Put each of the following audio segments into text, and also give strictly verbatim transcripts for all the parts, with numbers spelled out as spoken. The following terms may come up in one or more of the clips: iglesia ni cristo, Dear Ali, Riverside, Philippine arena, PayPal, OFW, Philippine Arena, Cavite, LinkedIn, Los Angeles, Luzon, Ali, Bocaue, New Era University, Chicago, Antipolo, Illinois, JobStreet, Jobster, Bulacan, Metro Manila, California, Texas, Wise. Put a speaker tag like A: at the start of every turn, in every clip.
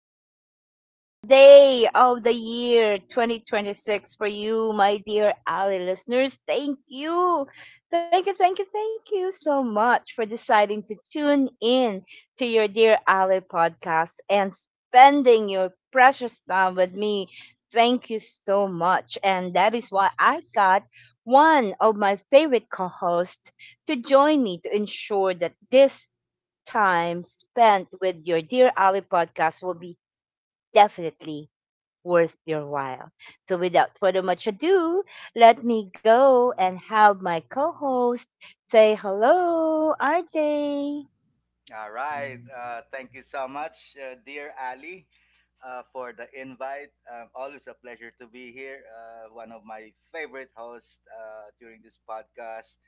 A: was the first day of the year twenty twenty-six for you, my dear Ali listeners? Thank you. Thank you, thank you, thank you so much for deciding to tune in to your Dear Ali podcast and spending your precious time with me. Thank you so much. And that is why I got one of my favorite co hosts to join me to ensure that this time spent with your Dear Ali podcast will be definitely worth your while. So, without further much ado, let me go and have my co host say hello, R J.
B: All right. Uh, thank you so much, uh, dear Ali, uh, for the invite. Um, always a pleasure to be here. Uh, one of my favorite hosts uh, during this podcast.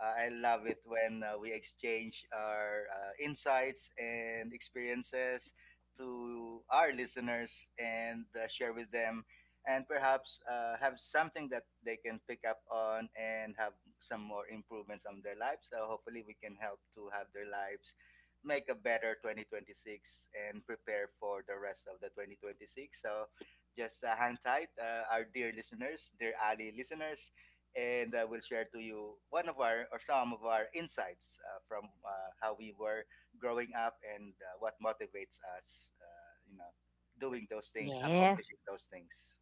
B: Uh, I love it when uh, we exchange our uh, insights and experiences to our listeners and uh, share with them, and perhaps uh, have something that they can pick up on and have some more improvements on their lives. So hopefully, we can help to have their lives make a better twenty twenty-six and prepare for the rest of the twenty twenty-six. So just uh, hang tight, uh, our dear listeners, dear Ali listeners, and uh, we'll share to you one of our or some of our insights uh, from uh, how we were growing up and uh, what motivates us, uh, you know, doing those
A: Yes,
B: things, accomplishing those things.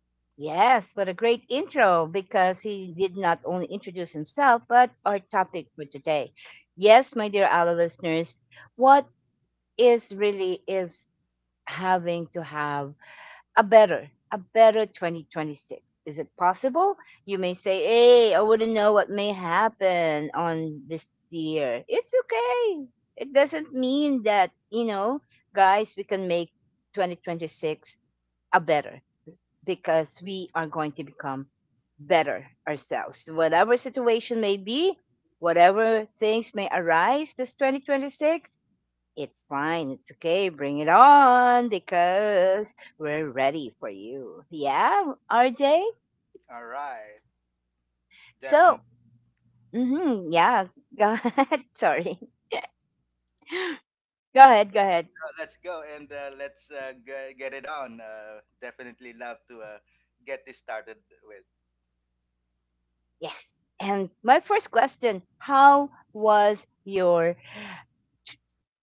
A: yes, what a great intro because he did not only introduce himself, but our topic for today. Yes, my dear Ali listeners, what is really is having to have a better a better twenty twenty-six. Is it possible? You may say, hey, I wouldn't know what may happen on this year. It's okay. It doesn't mean that, you know, guys, we can make twenty twenty-six a better, because we are going to become better ourselves. Whatever situation may be, whatever things may arise this twenty twenty-six, it's fine. It's okay. Bring it on, because we're ready for you. Yeah, R J?
B: All right, definitely.
A: So,
B: Uh,
A: hmm yeah, go ahead. Sorry. Go ahead. Go ahead.
B: Let's go and uh, let's uh, g- get it on. Uh, definitely love to uh, get this started with.
A: Yes. And my first question: how was your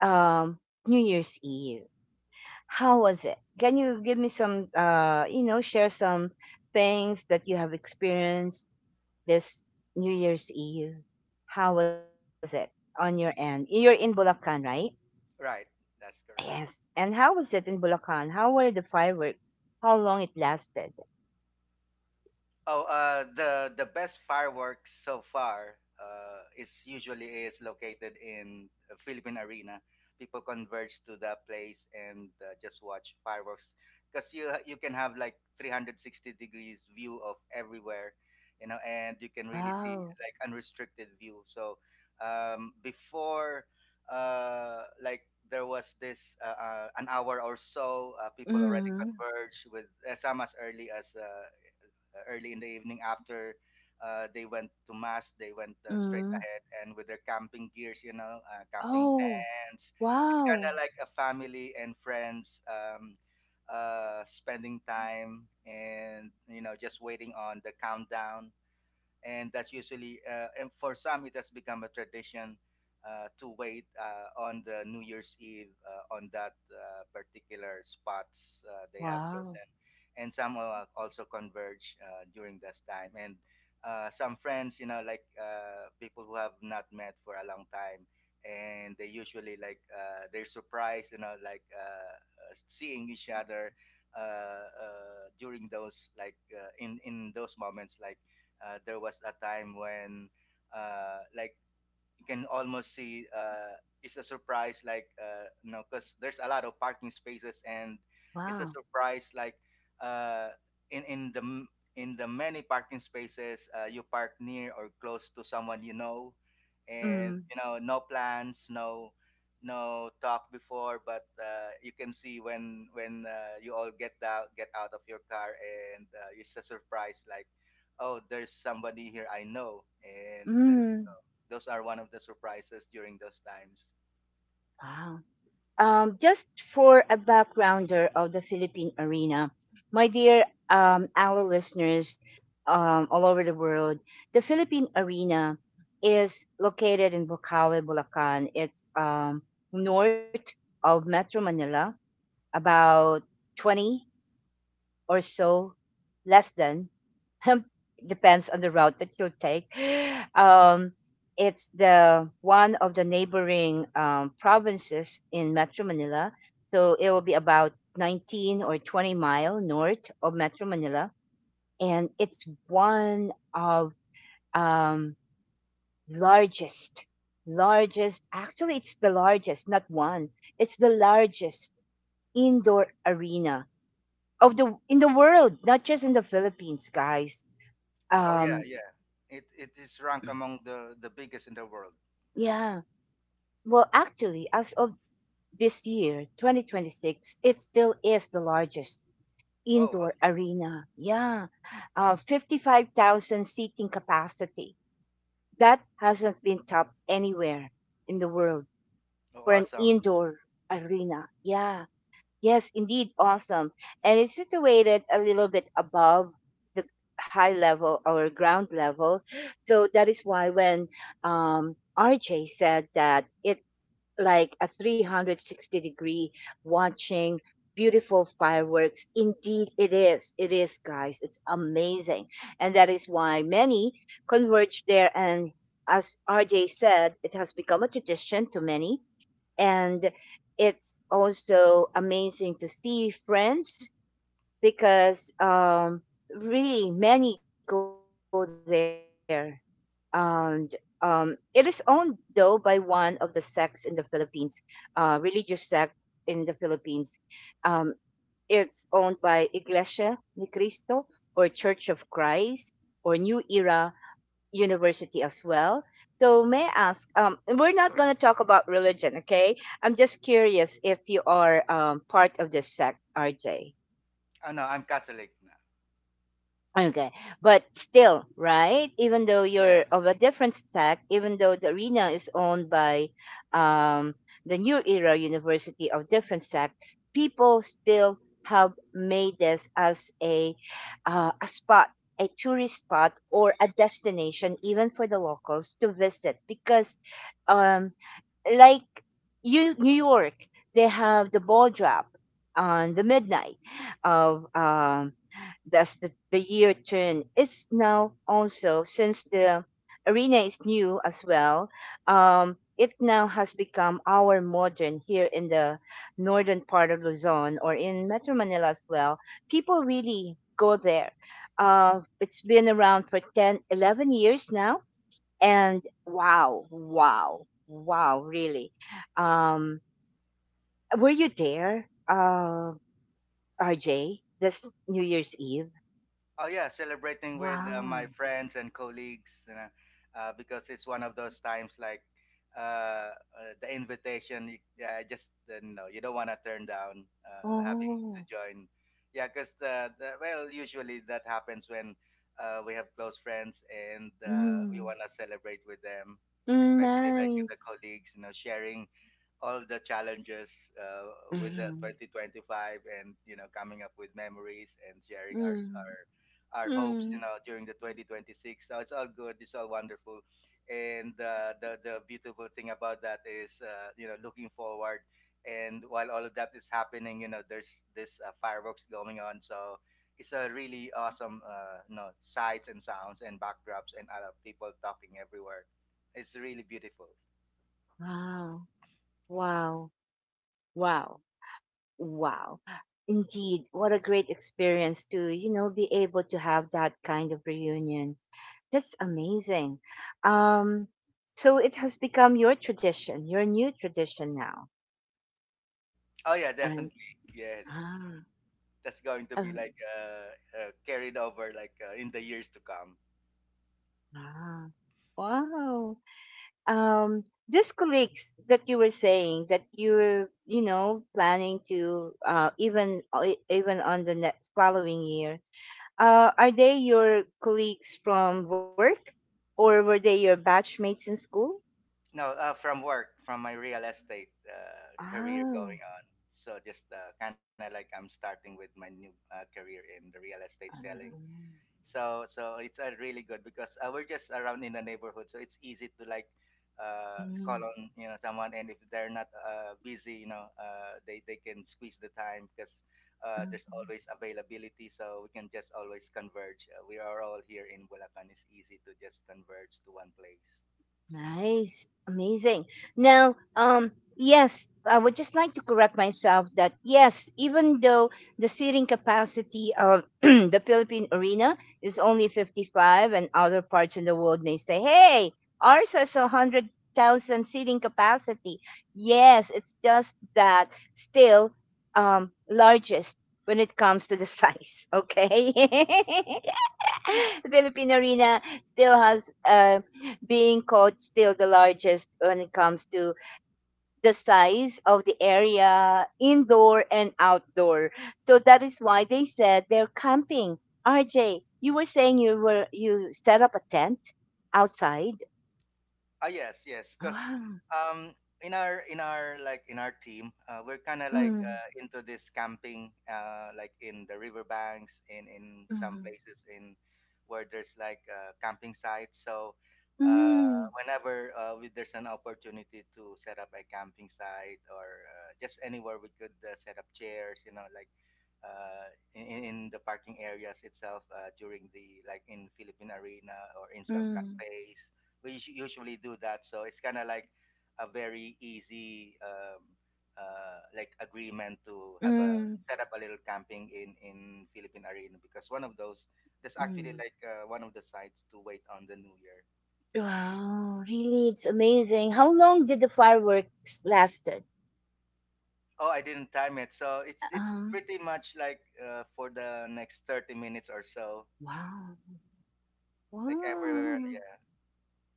A: um, New Year's Eve? How was it? Can you give me some, uh, you know, share some things that you have experienced this New Year's Eve? How was it on your end? You're in Bulacan, right?
B: Right. That's correct.
A: Yes. And how was it in Bulacan? How were the fireworks? How long it lasted?
B: Oh, uh, the the best fireworks so far uh, is usually is located in a Philippine Arena. People converge to that place and uh, just watch fireworks because you you can have like three hundred sixty degrees view of everywhere, you know, and you can really see
A: Wow.
B: like unrestricted view. So um, before, uh, like there was this uh, uh, an hour or so, uh, people already
A: Mm-hmm.
B: converge with uh, some as early as uh, uh, early in the evening after uh, they went to mass, they went uh, straight
A: Mm-hmm.
B: ahead and with their camping gears, you know, uh, camping
A: Oh,
B: tents. It's kind
A: wow.
B: of like a family and friends um, uh, spending time and you know just waiting on the countdown, and that's usually uh, and for some it has become a tradition uh, to wait uh, on the New Year's Eve uh, on that uh, particular spots uh, they have
A: Wow.
B: chosen, and some uh, also converge uh, during this time. And uh, some friends, you know, like uh, people who have not met for a long time, and they usually like uh, they're surprised, you know, like uh, uh, seeing each other uh, uh, during those, like uh, in in those moments, like uh, there was a time when, uh, like, you can almost see uh, it's a surprise, like uh, you know, because there's a lot of parking spaces, and it's a
A: Wow.
B: surprise, like uh, in in the m- in the many parking spaces, uh, you park near or close to someone you know, and you know, no plans, no no talk before, but uh, you can see when when uh, you all get out get out of your car, and uh, it's a surprise like, oh, there's somebody here I know. And uh,
A: Mm-hmm.
B: those are one of the surprises during those times.
A: Wow. Um, just for a backgrounder of the Philippine Arena, my dear um, our listeners um, all over the world, the Philippine Arena is located in Bocaue, Bulacan. It's um, north of Metro Manila, about twenty or so, less than depends on the route that you'll take. Um, it's the one of the neighboring um, provinces in Metro Manila. So it will be about nineteen or twenty mile north of Metro Manila. And it's one of um, largest, largest, actually it's the largest, not one. It's the largest indoor arena of the in the world, not just in the Philippines, guys.
B: Oh, yeah,
A: Um,
B: yeah. It it is ranked among the the biggest in the world, right?
A: yeah. Well, actually, as of this year, twenty twenty-six, it still is the largest
B: Oh,
A: indoor
B: okay.
A: arena. Yeah, uh, fifty-five thousand seating capacity. That hasn't been topped anywhere in the world
B: Oh,
A: for an
B: awesome.
A: indoor arena. Yeah. Yes, indeed, awesome. And it's situated a little bit above the high level or ground level. So that is why when um, R J said that it's like a three hundred sixty degree watching beautiful fireworks, indeed it is. It is, guys. It's amazing. And that is why many converge there. And as R J said, it has become a tradition to many, and it's also amazing to see friends, because um, really many go there. And um, it is owned though by one of the sects in the Philippines, uh, religious sect in the Philippines. um, it's owned by Iglesia Ni Cristo or Church of Christ, or New Era University as well. So may I ask, um, we're not going to talk about religion, okay? I'm just curious if you are um, part of this sect, R J.
B: Oh no, I'm Catholic now.
A: Okay, but still, right? Even though you're
B: Yes.
A: of a different stack, even though the arena is owned by um, the New Era University of Different Stack, people still have made this as a uh, a spot, a tourist spot, or a destination, even for the locals to visit, because um, like you, New York, they have the ball drop on the midnight of um, that's the, the year turn. It's now also since the arena is new as well. Um, it now has become our modern here in the northern part of Luzon or in Metro Manila as well. People really go there. Uh, it's been around for ten, eleven years now. And wow, wow, wow, really. Um, were you there, uh RJ, this New Year's Eve?
B: Oh yeah, celebrating with uh, my
A: Wow.
B: friends and colleagues, you know, uh, because it's one of those times, like uh, uh, the invitation. You, yeah, I just uh, no, you don't want to turn down uh, having to
A: Oh.
B: join. Yeah, because the, the well, usually that happens when uh, we have close friends and uh, we
A: Mm,
B: want to celebrate with them,
A: mm,
B: especially like with the
A: nice.
B: colleagues, you know, sharing all the challenges uh, with the
A: Mm,
B: twenty twenty-five and you know coming up with memories and sharing our,
A: mm,
B: our our hopes, you
A: mm.
B: know, during the twenty twenty-six. So it's all good. It's all wonderful. And uh, the, the beautiful thing about that is, uh, you know, looking forward. And while all of that is happening, you know, there's this uh, fireworks going on. So it's a really awesome, uh, you know, sights and sounds and backdrops and other people talking everywhere. It's really beautiful.
A: Wow, wow, wow, wow, indeed, what a great experience to, you know, be able to have that kind of reunion. That's amazing. Um, so it has become your tradition, your new tradition now.
B: Oh yeah,
A: Right?
B: definitely. Yes.
A: Ah,
B: That's going to be
A: um,
B: like uh, uh, carried over, like uh, in the years to come.
A: ah, wow. Um, these colleagues that you were saying that you're, you know, planning to uh, even uh, e, even on the next following year, uh, are they your colleagues from work, or were they your batchmates in school?
B: No, uh, from work, from my real estate uh, career going
A: Ah,
B: on. So just uh, kind of like I'm starting with my new uh, career in the real estate
A: ah,
B: selling. So so it's uh, really good because uh, we're just around in the neighborhood, so it's easy to like uh, call
A: mm,
B: on, you know someone, and if they're not uh, busy, you know, uh, they they can squeeze the time because uh, there's
A: mm.
B: always availability, so we can just always converge. Uh, we are all here in Bulacan. It's easy to just converge to one place.
A: Nice. Amazing. Now, um, yes, I would just like to correct myself that yes, even though the seating capacity of the Philippine Arena is only fifty-five, and other parts in the world may say, hey, ours has one hundred thousand seating capacity. Yes, it's just that still um, largest when it comes to the size, okay? The Philippine Arena still has uh, being called still the largest when it comes to the size of the area, indoor and outdoor. So that is why they said they're camping. R J, you were saying you were you set up a tent outside.
B: Ah, yes, yes. Because
A: Wow.
B: um, in our in our like in our team, uh, we're kind of like
A: Mm,
B: uh, into this camping, uh, like in the riverbanks, in in some
A: mm,
B: places in where there's like uh, camping sites. So uh,
A: mm,
B: whenever uh, we, there's an opportunity to set up a camping site or uh, just anywhere we could uh, set up chairs, you know, like uh, in, in in the parking areas itself, uh, during the like in Philippine Arena or in some
A: mm,
B: cafes, we usually do that. So it's kind of like a very easy um, uh, like agreement to have a
A: mm,
B: set up a little camping in in Philippine Arena because one of those, there's
A: mm.
B: actually like uh, one of the sites to wait on the new year.
A: Wow, really, it's amazing. How long did the fireworks lasted?
B: Oh, I didn't time it. So it's it's
A: Um,
B: pretty much like uh, for the next thirty minutes or so,
A: wow.
B: like everywhere,
A: Wow!
B: yeah.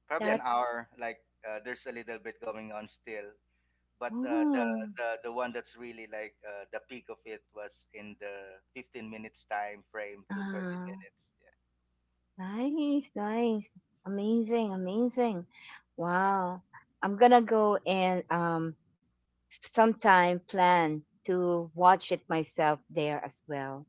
B: Probably an
A: That,
B: hour, like uh, there's a little bit going on still. But uh, the
A: wow!
B: the the one that's really like uh, the peak of it was in the fifteen minutes time frame to thirty
A: Ah,
B: minutes, yeah.
A: nice, nice. Amazing, amazing. Wow. I'm gonna go and um sometime plan to watch it myself there as well.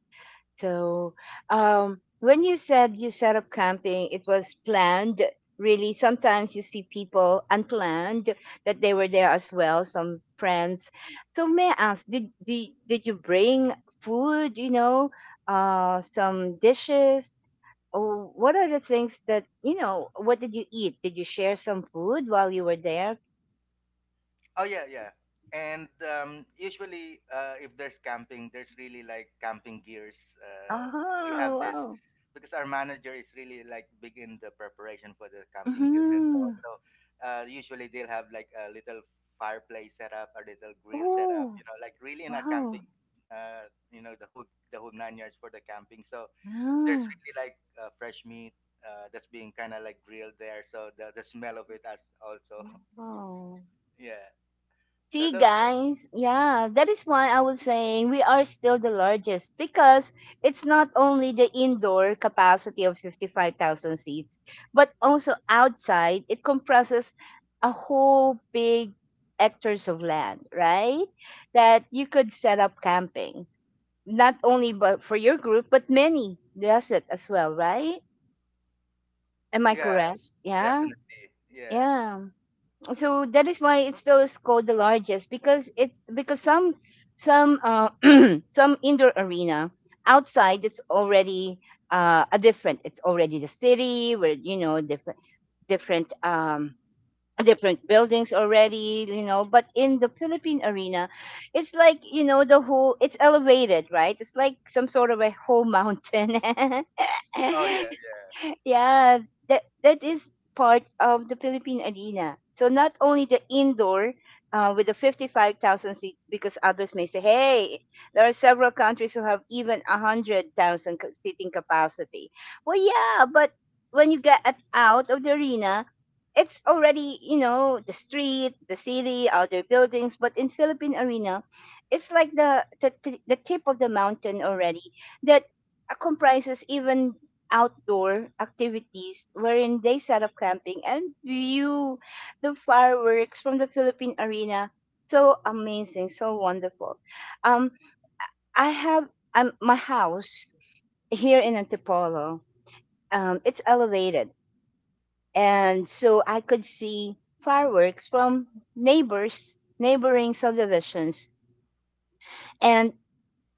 A: So, um, when you said you set up camping, it was planned. Really, sometimes you see people unplanned that they were there as well, some friends. So may I ask, did did, did you bring food? You know, uh, some dishes. Or what are the things that, you know, what did you eat? Did you share some food while you were there?
B: Oh yeah, yeah. And um, usually uh, if there's camping there's really like camping gears, uh, we have
A: Oh
B: this
A: wow!
B: because our manager is really like big in the preparation for the camping gears and so
A: Mm-hmm.
B: on. So uh, usually they'll have like a little fireplace set up, a little grill set up,
A: Oh
B: you know, like really in a
A: wow!
B: camping uh, you know, the whole the whole nine yards for the camping. So there's
A: Wow!
B: really like uh, fresh meat uh, that's being kind of like grilled there. So the, the smell of it as also,
A: Wow.
B: yeah. So
A: See,
B: those were,
A: guys, yeah, that is why I was saying we are still the largest because it's not only the indoor capacity of fifty-five thousand seats, but also outside, it comprises a whole big hectares of land, right? That you could set up camping, not only but for your group, but many does it as well, right? Am I correct?
B: yes,
A: Yeah,
B: definitely. Yeah.
A: yeah, so that is why it still is called the largest, because it's because some some uh, some indoor arena outside, it's already uh, a different, it's already the city where, you know, different different um different buildings already, you know. But in the Philippine Arena, it's like, you know, the whole, it's elevated, right? It's like some sort of a whole mountain.
B: Oh, yeah, yeah.
A: Yeah, that, that is part of the Philippine Arena. So not only the indoor uh, with the fifty-five thousand seats, because others may say, hey, there are several countries who have even one hundred thousand ca- seating capacity. Well, yeah, but when you get at- out of the arena, it's already, you know, the street, the city, other buildings. But in Philippine Arena, it's like the, the, the tip of the mountain already, that uh, comprises even outdoor activities wherein they set up camping and view the fireworks from the Philippine Arena. So amazing, so wonderful. Um, I have um, my house here in Antipolo. Um, it's elevated, and so I could see fireworks from neighbors, neighboring subdivisions, and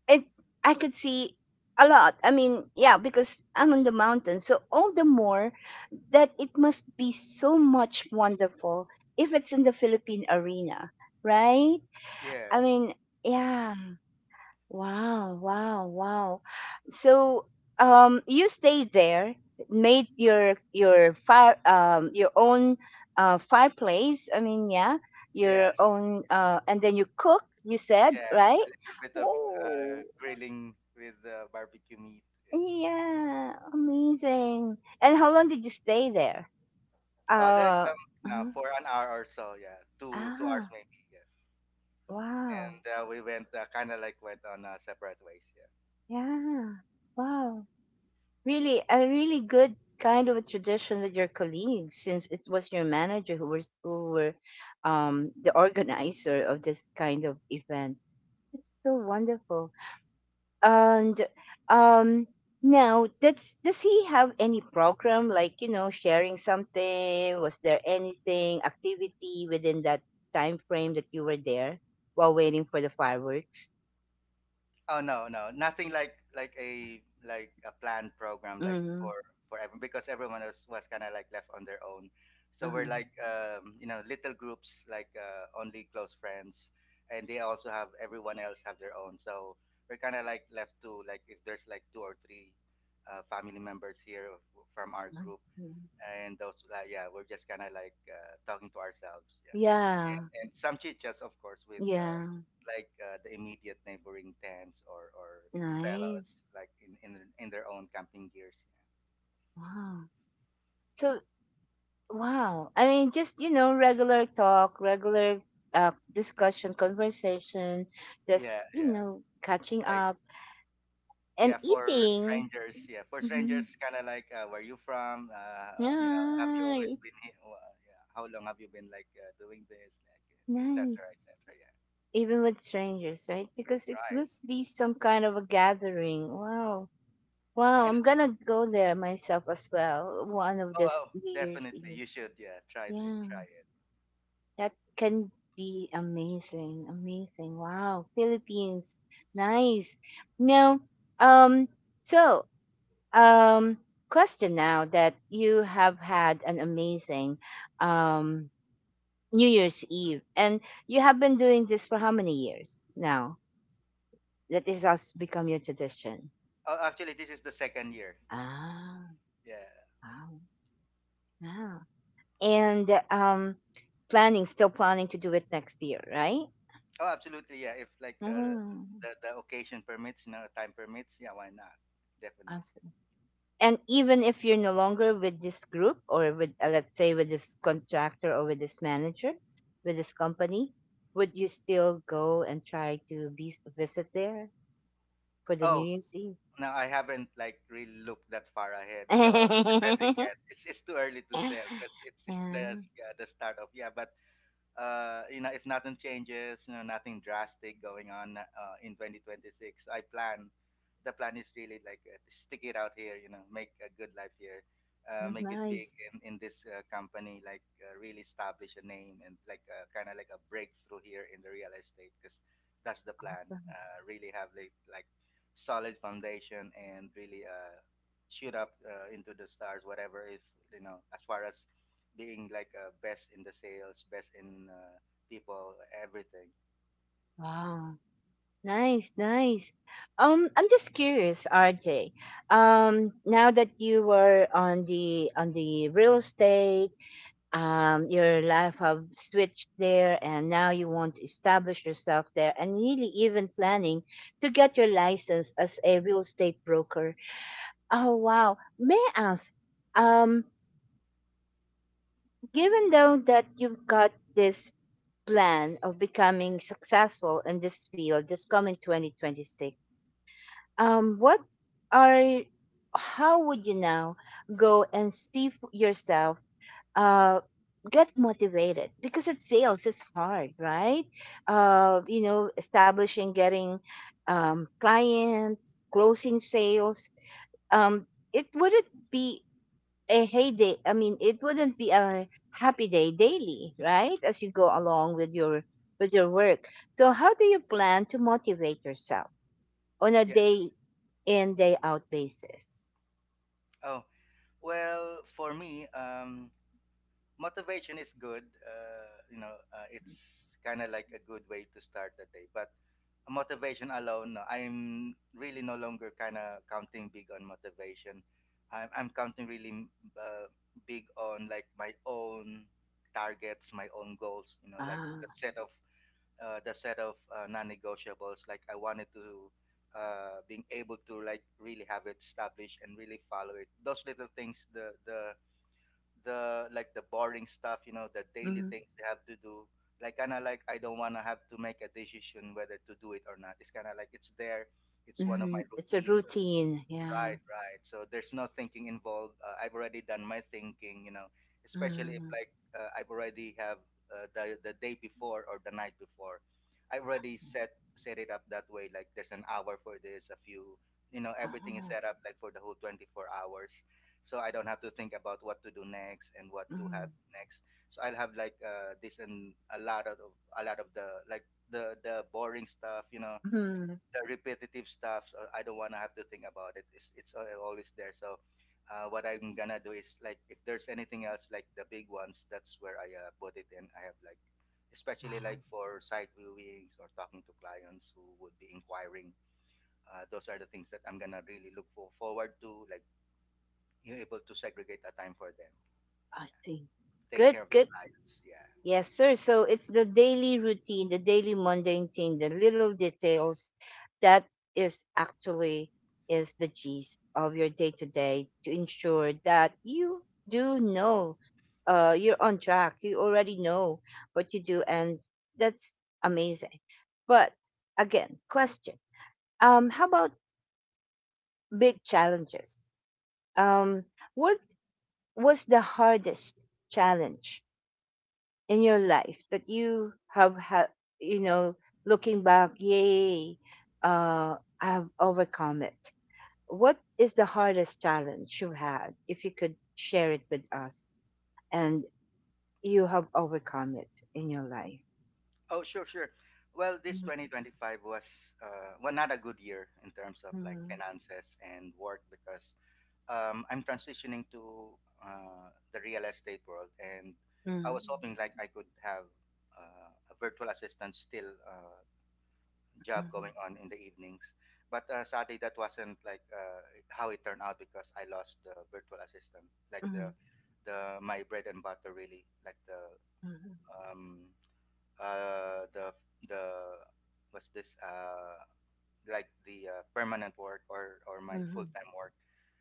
A: and I could see a lot. I mean, yeah, because I'm on the mountain, so all the more that it must be so much wonderful if it's in the Philippine Arena, right? I
B: Yeah,
A: mean, yeah. Wow, wow, wow. So, um, you stayed there, made your your fire, um, your own uh, fireplace. I mean, yeah, your
B: yes.
A: own, uh, and then you cook, you said,
B: Yeah, a
A: right?
B: little bit of uh,
A: Oh,
B: grilling with uh, barbecue meat. Yeah.
A: yeah, amazing. And how long did you stay there?
B: Oh, that
A: Uh,
B: um, no,
A: uh,
B: for an hour or so, yeah, two two hours
A: ah,
B: maybe. Yeah.
A: wow.
B: And uh, we went uh, kind of like went on uh, separate ways, yeah.
A: Yeah, wow. Really, a really good kind of a tradition with your colleagues, since it was your manager who was who were um the organizer of this kind of event. It's so wonderful. And um now, does does he have any program like, you know, sharing something? Was there anything activity within that time frame that you were there while waiting for the fireworks?
B: Oh no, no, nothing like like a like a planned program, like
A: Mm-hmm.
B: for for everyone, because everyone was was kind of like left on their own. So
A: Uh-huh.
B: we're like um, you know, little groups, like uh, only close friends, and they also have everyone else have their own. So we're kind of like left to, like if there's like two or three uh, family members here uh, from our
A: I
B: group,
A: see.
B: and those, like, yeah, we're just kind of like uh, talking to ourselves, yeah. and,
A: Yeah,
B: and some chit-chats, of course, with uh,
A: yeah,
B: like uh, the immediate neighboring tents, or, or
A: nice,
B: fellows, like in, in in their own camping gears.
A: wow. So wow, I mean, just, you know, regular talk, regular uh, discussion, conversation, just,
B: Yeah,
A: you
B: yeah.
A: know, catching
B: Like,
A: up. And
B: yeah, for
A: eating.
B: strangers, yeah, for
A: Mhm.
B: strangers, kind of like, uh, where you from? Uh, you know, have you always
A: Right.
B: been here? Well, yeah. How long have you been like uh, doing this? Like, et cetera
A: Nice.
B: et cetera. Yeah,
A: Even with strangers, right? Because it
B: right.
A: must be some kind of a gathering. Wow.
B: Yeah,
A: Wow,
B: and
A: I'm gonna go there myself as well, one of
B: oh,
A: this
B: oh,
A: New Year's
B: definitely,
A: Eve.
B: you should. Yeah, try the
A: Yeah.
B: try it.
A: That can be amazing. Amazing. Wow. Philippines. Nice. Now, um, so um question, now that you have had an amazing um New Year's Eve. And you have been doing this for how many years now? That is has become your tradition.
B: Oh, actually, this is the second year.
A: Ah,
B: Yeah,
A: wow. Wow. And um planning, still planning to do it next year, right?
B: oh, absolutely. Yeah, if like uh,
A: Oh,
B: the the occasion permits, you know, time permits, yeah, why not? Definitely.
A: awesome. And even if you're no longer with this group or with uh, let's say with this contractor or with this manager, with this company, would you still go and try to be visit there for the New
B: Oh,
A: Year's Eve?
B: no, I haven't like really looked that far ahead. So depending, yeah, it's it's too early to
A: Yeah.
B: tell because it's it's the, yeah, the start of, yeah. But uh, you know, if nothing changes, you know, nothing drastic going on uh, in twenty twenty-six, I plan. The plan is really like uh, to stick it out here, you know, make a good life here, uh, make it big
A: Nice.
B: in, in this uh, company, like uh, really establish a name and like uh, kind of like a breakthrough here in the real estate, because that's the plan.
A: Awesome.
B: Uh, really have like, like solid foundation, and really uh, shoot up uh, into the stars, whatever, if, you know, as far as being like uh, best in the sales, best in uh, people, everything.
A: Wow. Nice, nice. Um, I'm just curious, R J. Um, now that you were on the on the real estate, um, your life have switched there, and now you want to establish yourself there, and really even planning to get your license as a real estate broker. Oh wow! May I ask, um, given though that you've got this plan of becoming successful in this field this coming two thousand twenty-six, um what are, how would you now go and see f- yourself, uh get motivated? Because it's sales, it's hard, right? Uh you know, establishing, getting um clients, closing sales, um it wouldn't be a heyday. I mean, it wouldn't be a happy day daily, right? As you go along with your with your work. So, how do you plan to motivate yourself on a
B: Yeah.
A: day in day out basis?
B: Oh, well, for me, um, motivation is good. Uh, you know, uh, it's kind of like a good way to start the day. But motivation alone, no, I'm really no longer kind of counting big on motivation. I'm, I'm counting really mm, uh, big on like my own targets, my own goals. You know, like
A: Ah,
B: the set of uh, the set of uh, non-negotiables. Like I wanted to uh, being able to like really have it established and really follow it. Those little things, the the the like the boring stuff, you know, the daily
A: mm,
B: things they have to do. Like kind of like I don't want to have to make a decision whether to do it or not. It's kind of like it's there. It's one of my
A: mm, it's a
B: routine.
A: routine.
B: Right,
A: Yeah.
B: right. So there's no thinking involved. Uh, I've already done my thinking, you know, especially if
A: Mm,
B: like uh, I've already have uh, the the day before or the night before. I already set set it up that way. Like there's an hour for this, a few, you know, everything is
A: ah,
B: set up like for the whole twenty-four hours. So I don't have to think about what to do next and what to
A: mm,
B: have next. So I'll have like uh, this and a lot of a lot of the like the the boring stuff, you know,
A: mm.
B: the repetitive stuff. So I don't want to have to think about it. It's it's al- always there. So uh, what I'm gonna do is like if there's anything else like the big ones, that's where I uh, put it in. I have like especially
A: Wow,
B: like for site viewings or talking to clients who would be inquiring. Uh, those are the things that I'm gonna really look for, forward to. Like you're able to segregate a time for them,
A: I see.
B: take
A: Good,
B: care of the
A: good.
B: clients. Yeah.
A: Yes, sir. So it's the daily routine, the daily mundane thing, the little details that is actually is the gist of your day to day, to ensure that you do know, uh you're on track. You already know what you do, and that's amazing. But again, question. Um how about big challenges? Um what was the hardest challenge in your life that you have had, you know, looking back, yay, uh, I have overcome it. What is the hardest challenge you had, if you could share it with us, and you have overcome it in your life?
B: Oh, sure, sure. Well, this
A: Mhm,
B: twenty twenty-five was uh, well not a good year in terms of like
A: mhm,
B: finances and work because um, I'm transitioning to uh, the real estate world, and I was hoping like I could have uh, a virtual assistant still uh, job
A: mhm,
B: going on in the evenings. But uh, sadly, that wasn't like uh, how it turned out because I lost the virtual assistant, like the
A: mhm,
B: the my bread and butter really, like the um, uh, the the what's this uh, like the uh, permanent work or or
A: mhm,
B: my full
A: mhm,
B: time work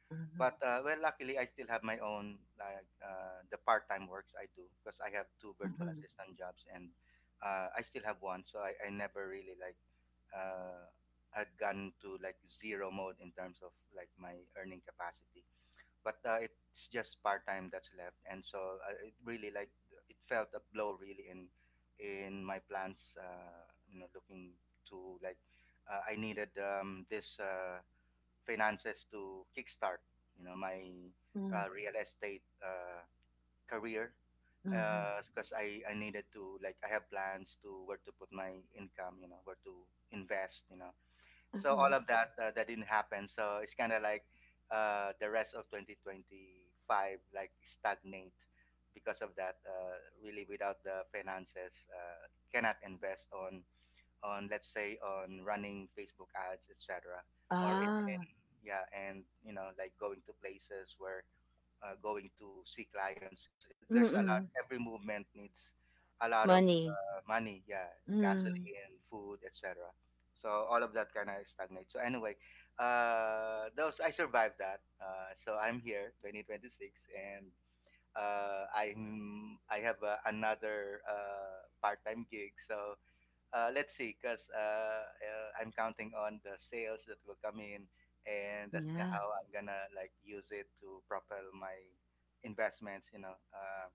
A: mhm,
B: but uh, well, luckily I still have my own like uh, the part-time works I do because I have two virtual
A: mhm,
B: assistant jobs and uh, I still have one, so I, I never really like uh, had gone to like zero mode in terms of like my earning capacity. But uh, it's just part-time that's left, and so uh, it really like it felt a blow really in in my plans. Uh, you know, looking to like uh, I needed um, this. Uh, finances to kickstart, you know, my
A: mhm, mhm,
B: uh, real estate uh, career.
A: mhm,
B: Because I, I needed to like I have plans to where to put my income, you know, where to invest, you know. So
A: mhm.
B: all of that uh, that didn't happen. So it's kind of like uh, the rest of twenty twenty-five like stagnate because of that. Uh, really, without the finances, uh, cannot invest on on let's say on running Facebook ads, et cetera. Or in, in
A: Ah,
B: yeah, and you know like going to places where uh, going to see clients because there's a lot.
A: mm-mm.
B: Every movement needs a lot of
A: Money.
B: uh, money. Yeah,
A: Mm,
B: gasoline, food, et cetera. So all of that kind of stagnates. So anyway, uh, those I survived that. Uh, so I'm here, twenty twenty-six, and uh, I'm I have uh, another uh, part-time gig. So uh, let's see, because uh, uh, I'm counting on the sales that will come in, and that's gonna-
A: yeah,
B: how I'm gonna like use it to propel my investments. You know, uh,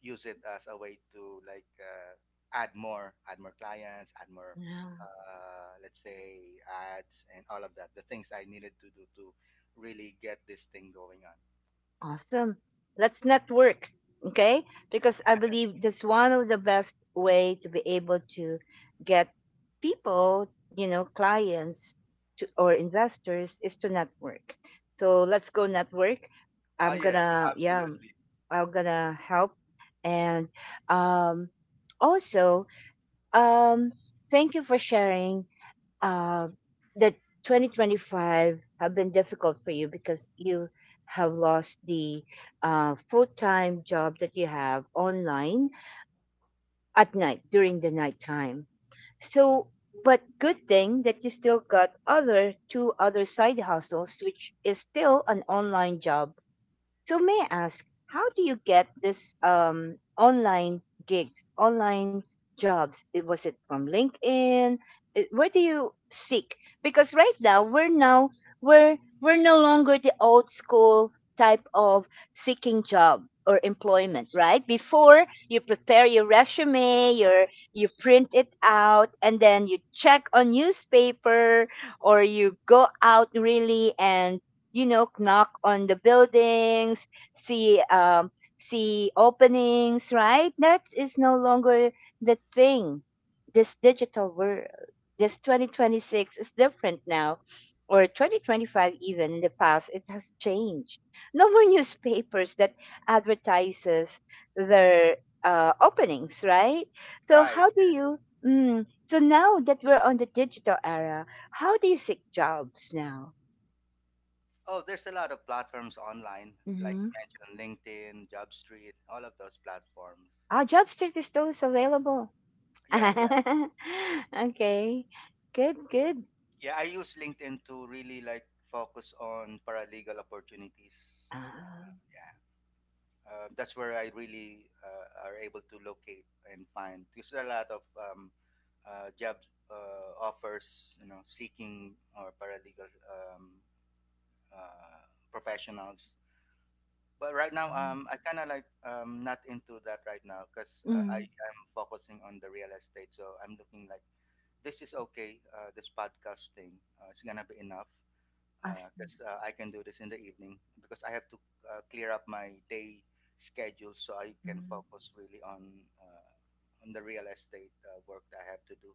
B: use it as a way to like uh, add more, add more clients, add more,
A: yeah.
B: uh, let's say ads and all of that. The things I needed to do to really get this thing going on.
A: Awesome. Let's network. Okay? Because I believe that's one of the best way to be able to get people, you know, clients to, or investors, is to network. So let's go network.
B: Ah,
A: I'm
B: yes,
A: gonna, yeah,
B: absolutely.
A: I'm gonna help. And um, also, um, thank you for sharing uh, that twenty twenty-five have been difficult for you because you have lost the uh, full-time job that you have online at night during the nighttime. So, but good thing that you still got other two other side hustles, which is still an online job. So may I ask, how do you get this um online gigs, online jobs? It was it from LinkedIn? It, where do you seek? Because right now we're now we're we're no longer the old school type of seeking job or employment, right? Before, you prepare your resume, your, you print it out, and then you check on newspaper, or you go out really and, you know, knock on the buildings, see um see openings, right? That is no longer the thing. This digital world, this twenty twenty-six, is different now, or twenty twenty-five. Even in the past, it has changed. No more newspapers that advertises their uh, openings, right? So
B: Right.
A: how do you, mm, so now that we're on the digital era, how do you seek jobs now?
B: Oh, there's a lot of platforms online, like
A: Mm-hmm.
B: you mentioned, LinkedIn, JobStreet, all of those platforms.
A: Oh, Jobster is still is available.
B: Yeah, yeah,
A: Okay. Good, good.
B: yeah. I use LinkedIn to really like focus on paralegal opportunities.
A: Ah,
B: Uh, yeah, uh, that's where I really uh, are able to locate and find because there are a lot of um, uh, job uh, offers, you know, seeking or paralegal um, uh, professionals. But right now,
A: mm,
B: um I kind of like, um not into that right now because uh, I
A: mm,
B: am focusing on the real estate, so I'm looking like this is okay. Uh, this podcast thing, uh, it's gonna be enough
A: I
B: because uh,
A: see.
B: 'cause, uh, I can do this in the evening because I have to uh, clear up my day schedule so I can
A: Mm,
B: focus really on uh, on the real estate uh, work that I have to do,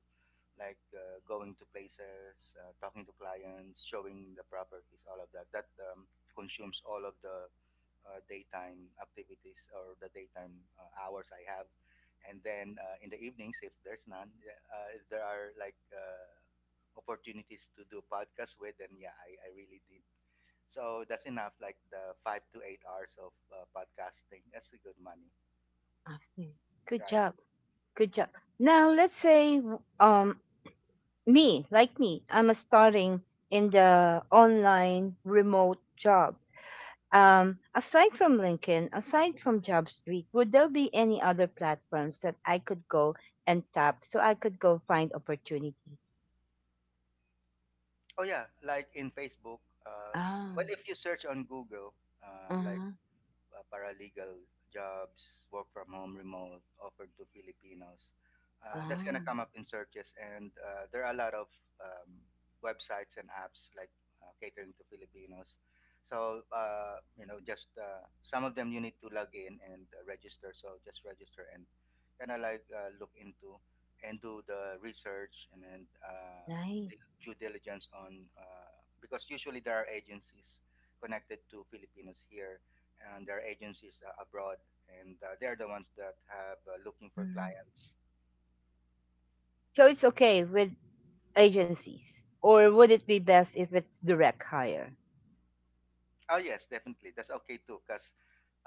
B: like uh, going to places, uh, talking to clients, showing the properties, all of that, that um, consumes all of the uh, daytime activities or the daytime uh, hours I have. And then uh, in the evenings, if there's none, yeah, uh, if there are like uh, opportunities to do podcasts with, then yeah, I, I really did. So that's enough, like the five to eight hours of uh, podcasting. That's a good money,
A: I see. Good
B: right?
A: job. Good job. Now let's say um me, like me, I'm a starting in the online remote job. Um, aside from LinkedIn, aside from JobStreet, would there be any other platforms that I could go and tap so I could go find opportunities?
B: Oh yeah, like in Facebook. Uh, well,
A: Ah,
B: if you search on Google, uh, like
A: uh,
B: uh, paralegal jobs, work from home, remote offered to Filipinos. Uh, that's gonna
A: ah,
B: come up in searches, and uh, there are a lot of um, websites and apps like uh, catering to Filipinos. So uh, you know, just uh, some of them you need to log in and uh, register. So just register and kind of like uh, look into and do the research and then uh, the
A: nice.
B: due diligence on uh, because usually there are agencies connected to Filipinos here and their agencies uh, abroad, and uh, they're the ones that have uh, looking for
A: Mhm.
B: clients.
A: So it's okay with agencies, or would it be best if it's direct hire?
B: Oh yes, definitely, that's okay too, because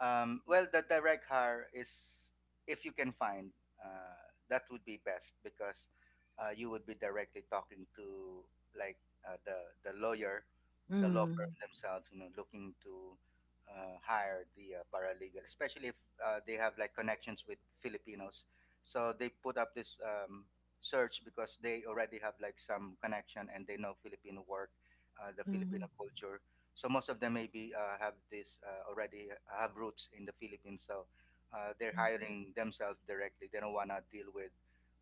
B: um, well, the direct hire is if you can find uh, that would be best because uh, you would be directly talking to like uh, the the lawyer, the law firm
A: Mm,
B: themselves. You know, looking to uh, hire the uh, paralegal, especially if uh, they have like connections with Filipinos. So they put up this um, search because they already have like some connection and they know Filipino work, uh, the Filipino
A: mhm,
B: culture. So most of them maybe uh, have this uh, already uh, have roots in the Philippines. So uh, they're
A: mhm.
B: hiring themselves directly. They don't wanna deal with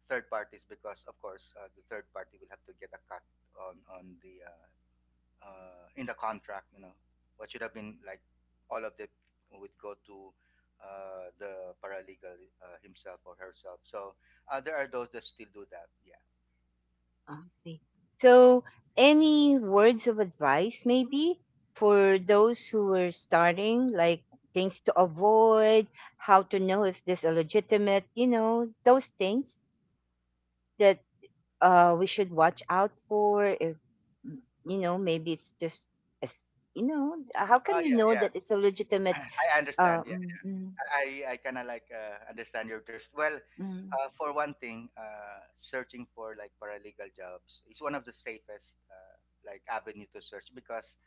B: third parties because, of course, uh, the third party will have to get a cut on on the uh, uh, in the contract. You know, what should have been like all of the would go to uh, the paralegal uh, himself or herself. So uh, there are those that still do that. Yeah.
A: I see. So, any words of advice, maybe, for those who are starting, like things to avoid, how to know if this is legitimate, you know, those things that, uh we should watch out for? If, mm, you know, maybe it's just as, you know, how
B: Oh,
A: can we
B: yeah,
A: know
B: yeah.
A: that it's a legitimate,
B: I
A: uh
B: understand, yeah.
A: mm, mm,
B: I I kind of like uh, understand your thirst. Well,
A: mm,
B: uh, for one thing, uh, searching for like paralegal jobs is one of the safest uh, like avenue to search because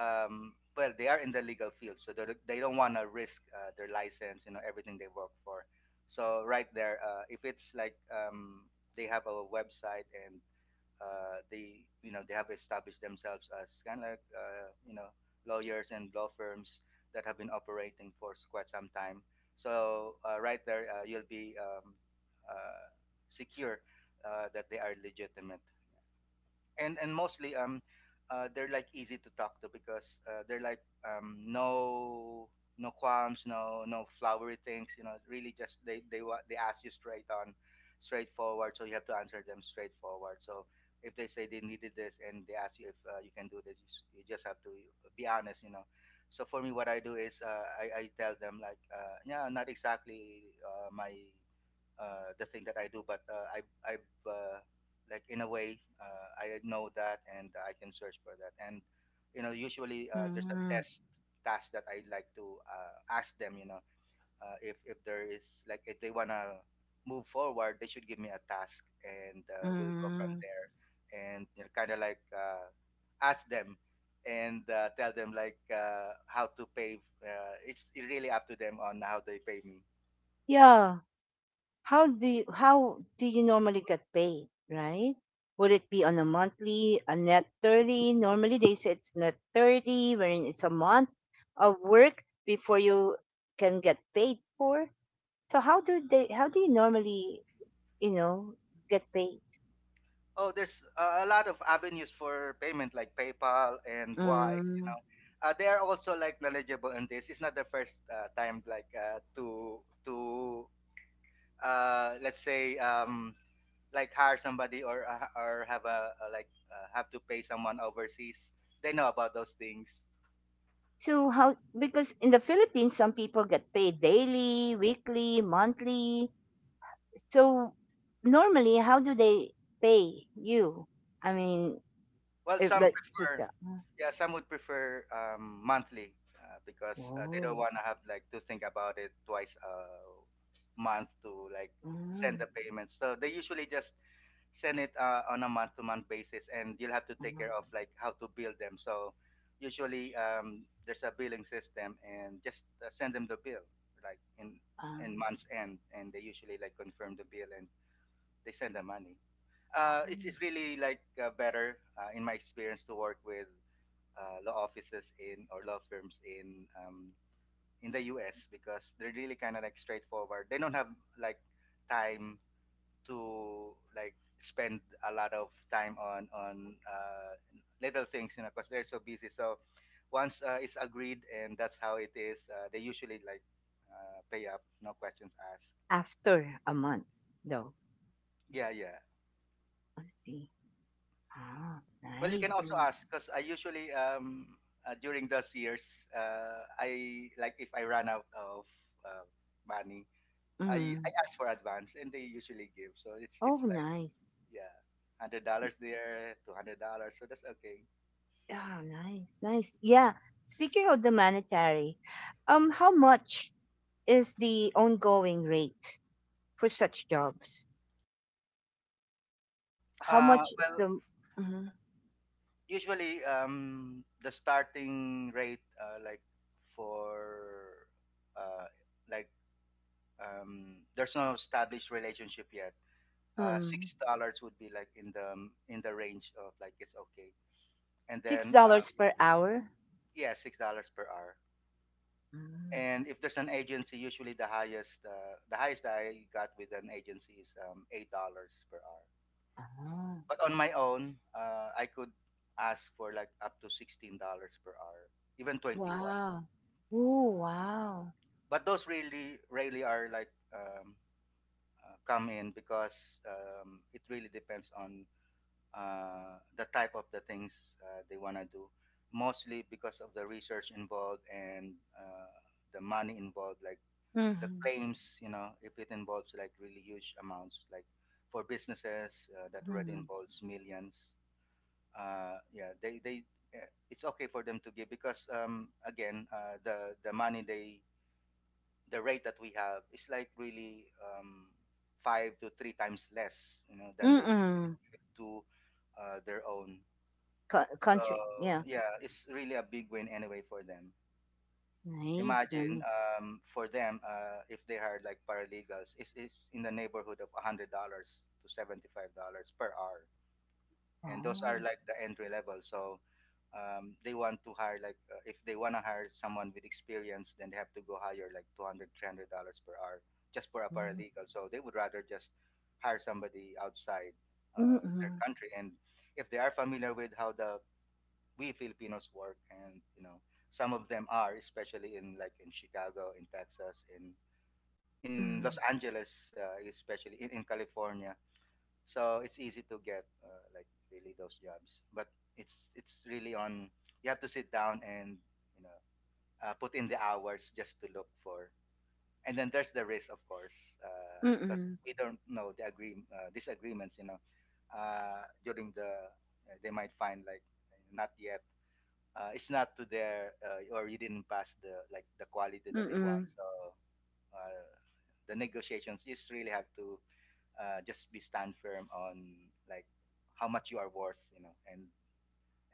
B: um, well they are in the legal field, so they don't- they don't want to risk uh, their license, you know, everything they work for. So right there, uh, if it's like um, they have a website, and uh, they you know they have established themselves as kind of like, uh, you know, lawyers and law firms that have been operating for s- quite some time. So uh, right there, uh, you'll be um, uh, secure uh, that they are legitimate, and and mostly um uh, they're like easy to talk to because uh, they're like, um no no qualms, no no flowery things, you know, really just they they wa- they ask you straight on, straightforward, so you have to answer them straightforward. So if they say they needed this and they ask you if uh, you can do this you, s- you just have to uh, be honest, you know. So for me what I do is uh, I, I tell them like uh, yeah, not exactly uh, my uh, the thing that I do, but uh, I I've uh, like in a way uh, I know that and I can search for that. And you know, usually uh, there's a
A: mm,
B: test task that I like to uh, ask them. You know, uh, if if there is like if they wanna move forward, they should give me a task, and uh, we'll go from
A: mm.
B: there. And you know, kind of like uh, ask them and uh, tell them like uh, how to pay. Uh, it's really up to them on how they pay me.
A: Yeah, how do you, how do you normally get paid, right? Would it be on a monthly, a net thirty? Normally they say it's net thirty, wherein it's a month of work before you can get paid for. So how do they, how do you normally, you know, get paid?
B: Oh, there's uh, a lot of avenues for payment like PayPal and Wise. You
A: Mm.
B: know, uh, they are also like knowledgeable in this. It's not the first uh, time like uh, to to uh, let's say um, like hire somebody or uh, or have a, a like uh, have to pay someone overseas. They know about those things.
A: So how, because in the Philippines some people get paid daily, weekly, monthly. So normally how do they pay you? I mean,
B: Well,
A: if
B: some
A: like switch
B: prefer,
A: that. Mm.
B: yeah, some would prefer um, monthly uh, because uh, they don't
A: Whoa.
B: want to have like to think about it twice a month to like send
A: Mm.
B: the payments. So they usually just send it uh, on a month-to-month basis, and you'll have to take
A: Mm.
B: care of like how to bill them. So usually um, there's a billing system, and just uh, send them the bill like in
A: Ah.
B: in month's end, and they usually like confirm the bill and they send the money uh, it's, it's really like uh, better uh, in my experience to work with uh, law offices in or law firms in um, in the U S because they're really kind of like straightforward. They don't have like time to like spend a lot of time on on uh, little things, you know, because they're so busy. So once uh, it's agreed and that's how it is, uh, they usually like uh, pay up, no questions asked.
A: After a month though.
B: Yeah, yeah.
A: I see. Ah,
B: Well, you can
A: nice,
B: also
A: nice.
B: ask because I usually um uh, during those years uh, I like if I run out of uh, money, I I
A: Mm.
B: ask for advance and they usually give, so it's
A: Oh
B: it's like
A: nice.
B: yeah, hundred dollars there, two hundred dollars, so that's okay.
A: Oh nice, nice. Yeah. Speaking of the monetary, um how much is the ongoing rate for such jobs? How
B: Uh
A: much is
B: well,
A: the, Mhm.
B: usually um the starting rate uh, like for uh like um there's no established relationship yet, uh,
A: um,
B: six dollars would be like in the um, in the range of like it's okay. And
A: six
B: then um,
A: dollars per hour?
B: yeah, six dollars per hour.
A: Mm.
B: And if there's an agency, usually the highest uh, the highest I got with an agency is um, eight dollars per hour.
A: Ah,
B: But on my own, uh, I could ask for like up to sixteen dollars per hour, even twenty one.
A: wow. Oh, wow.
B: But those really rarely are like um, uh, come in because um, it really depends on uh, the type of the things uh, they want to do, mostly because of the research involved and uh, the money involved, like the
A: Mm-hmm.
B: claims, you know, if it involves like really huge amounts, like for businesses uh, that already
A: Mm-hmm.
B: involves millions. Uh, yeah, they, they uh, it's okay for them to give because um, again, uh, the the money they, the rate that we have is like really um, five to three times less, you know, than they usually
A: Mm-mm.
B: give to uh, their own.
A: Co-
B: So
A: country. Yeah.
B: yeah, it's really a big win anyway for them.
A: Nice,
B: Imagine
A: nice.
B: um, for them uh, if they hired like paralegals, it's, it's in the neighborhood of one hundred dollars to seventy five dollars per hour, and those are
A: Oh.
B: like the entry level. So um, they want to hire like uh, if they want to hire someone with experience, then they have to go higher like two hundred, three hundred dollars per hour just for a
A: Mm.
B: paralegal. So they would rather just hire somebody outside uh, their
A: Mm-mm.
B: country, and if they are familiar with how the we Filipinos work, and you know some of them are, especially in like in Chicago, in Texas, in in Los
A: Mm.
B: Angeles, uh, especially in, in California. So it's easy to get uh, like really those jobs, but it's it's really on. You have to sit down and you know uh, put in the hours just to look for. And then there's the risk, of course, because
A: Mm-mm.
B: we don't know the agree uh, disagreements. You know, uh, during the uh, they might find like not yet uh, it's not to their uh, or you didn't pass the like the quality that they want.
A: Mm-mm.
B: So uh, the negotiations just really have to uh, just be stand firm on like how much you are worth, you know, and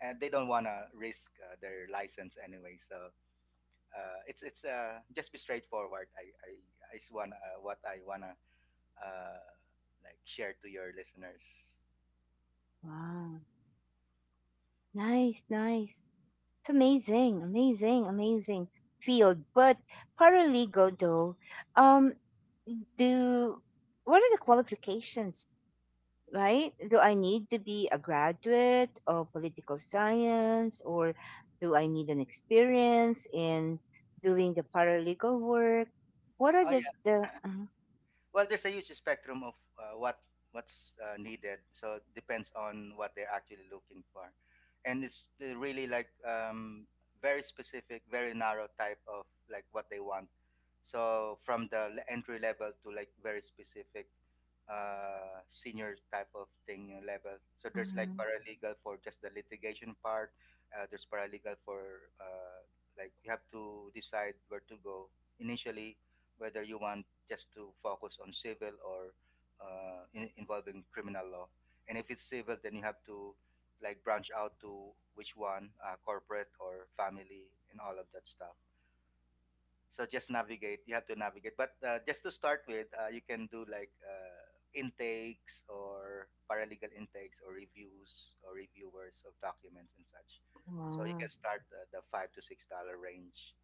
B: and they don't want to risk uh, their license anyway. So uh, it's it's uh, just be straightforward. I I is one uh, what I wanna uh, like share to your listeners.
A: Wow. Nice, nice. It's amazing, amazing, amazing field. But paralegal though, um, do, what are the qualifications? Right? Do I need to be a graduate of political science, or do I need an experience in doing the paralegal work? What are
B: Oh,
A: the the? Mhm,
B: well, there's a huge spectrum of uh, what what's uh, needed. So it depends on what they're actually looking for, and it's uh, really like um, very specific, very narrow type of like what they want. So from the le- entry level to like very specific uh, senior type of thing you level. So there's like
A: mhm.
B: paralegal for just the litigation part. Uh, there's paralegal for uh, like you have to decide where to go initially, whether you want just to focus on civil or uh, in, involving criminal law. And if it's civil, then you have to like branch out to which one, uh, corporate or family, and all of that stuff. So just navigate. You have to navigate. But uh, just to start with, uh, you can do like uh, intakes or paralegal intakes or reviews or reviewers of documents and such. So you can
A: Wow,
B: start uh, the five to six dollar range,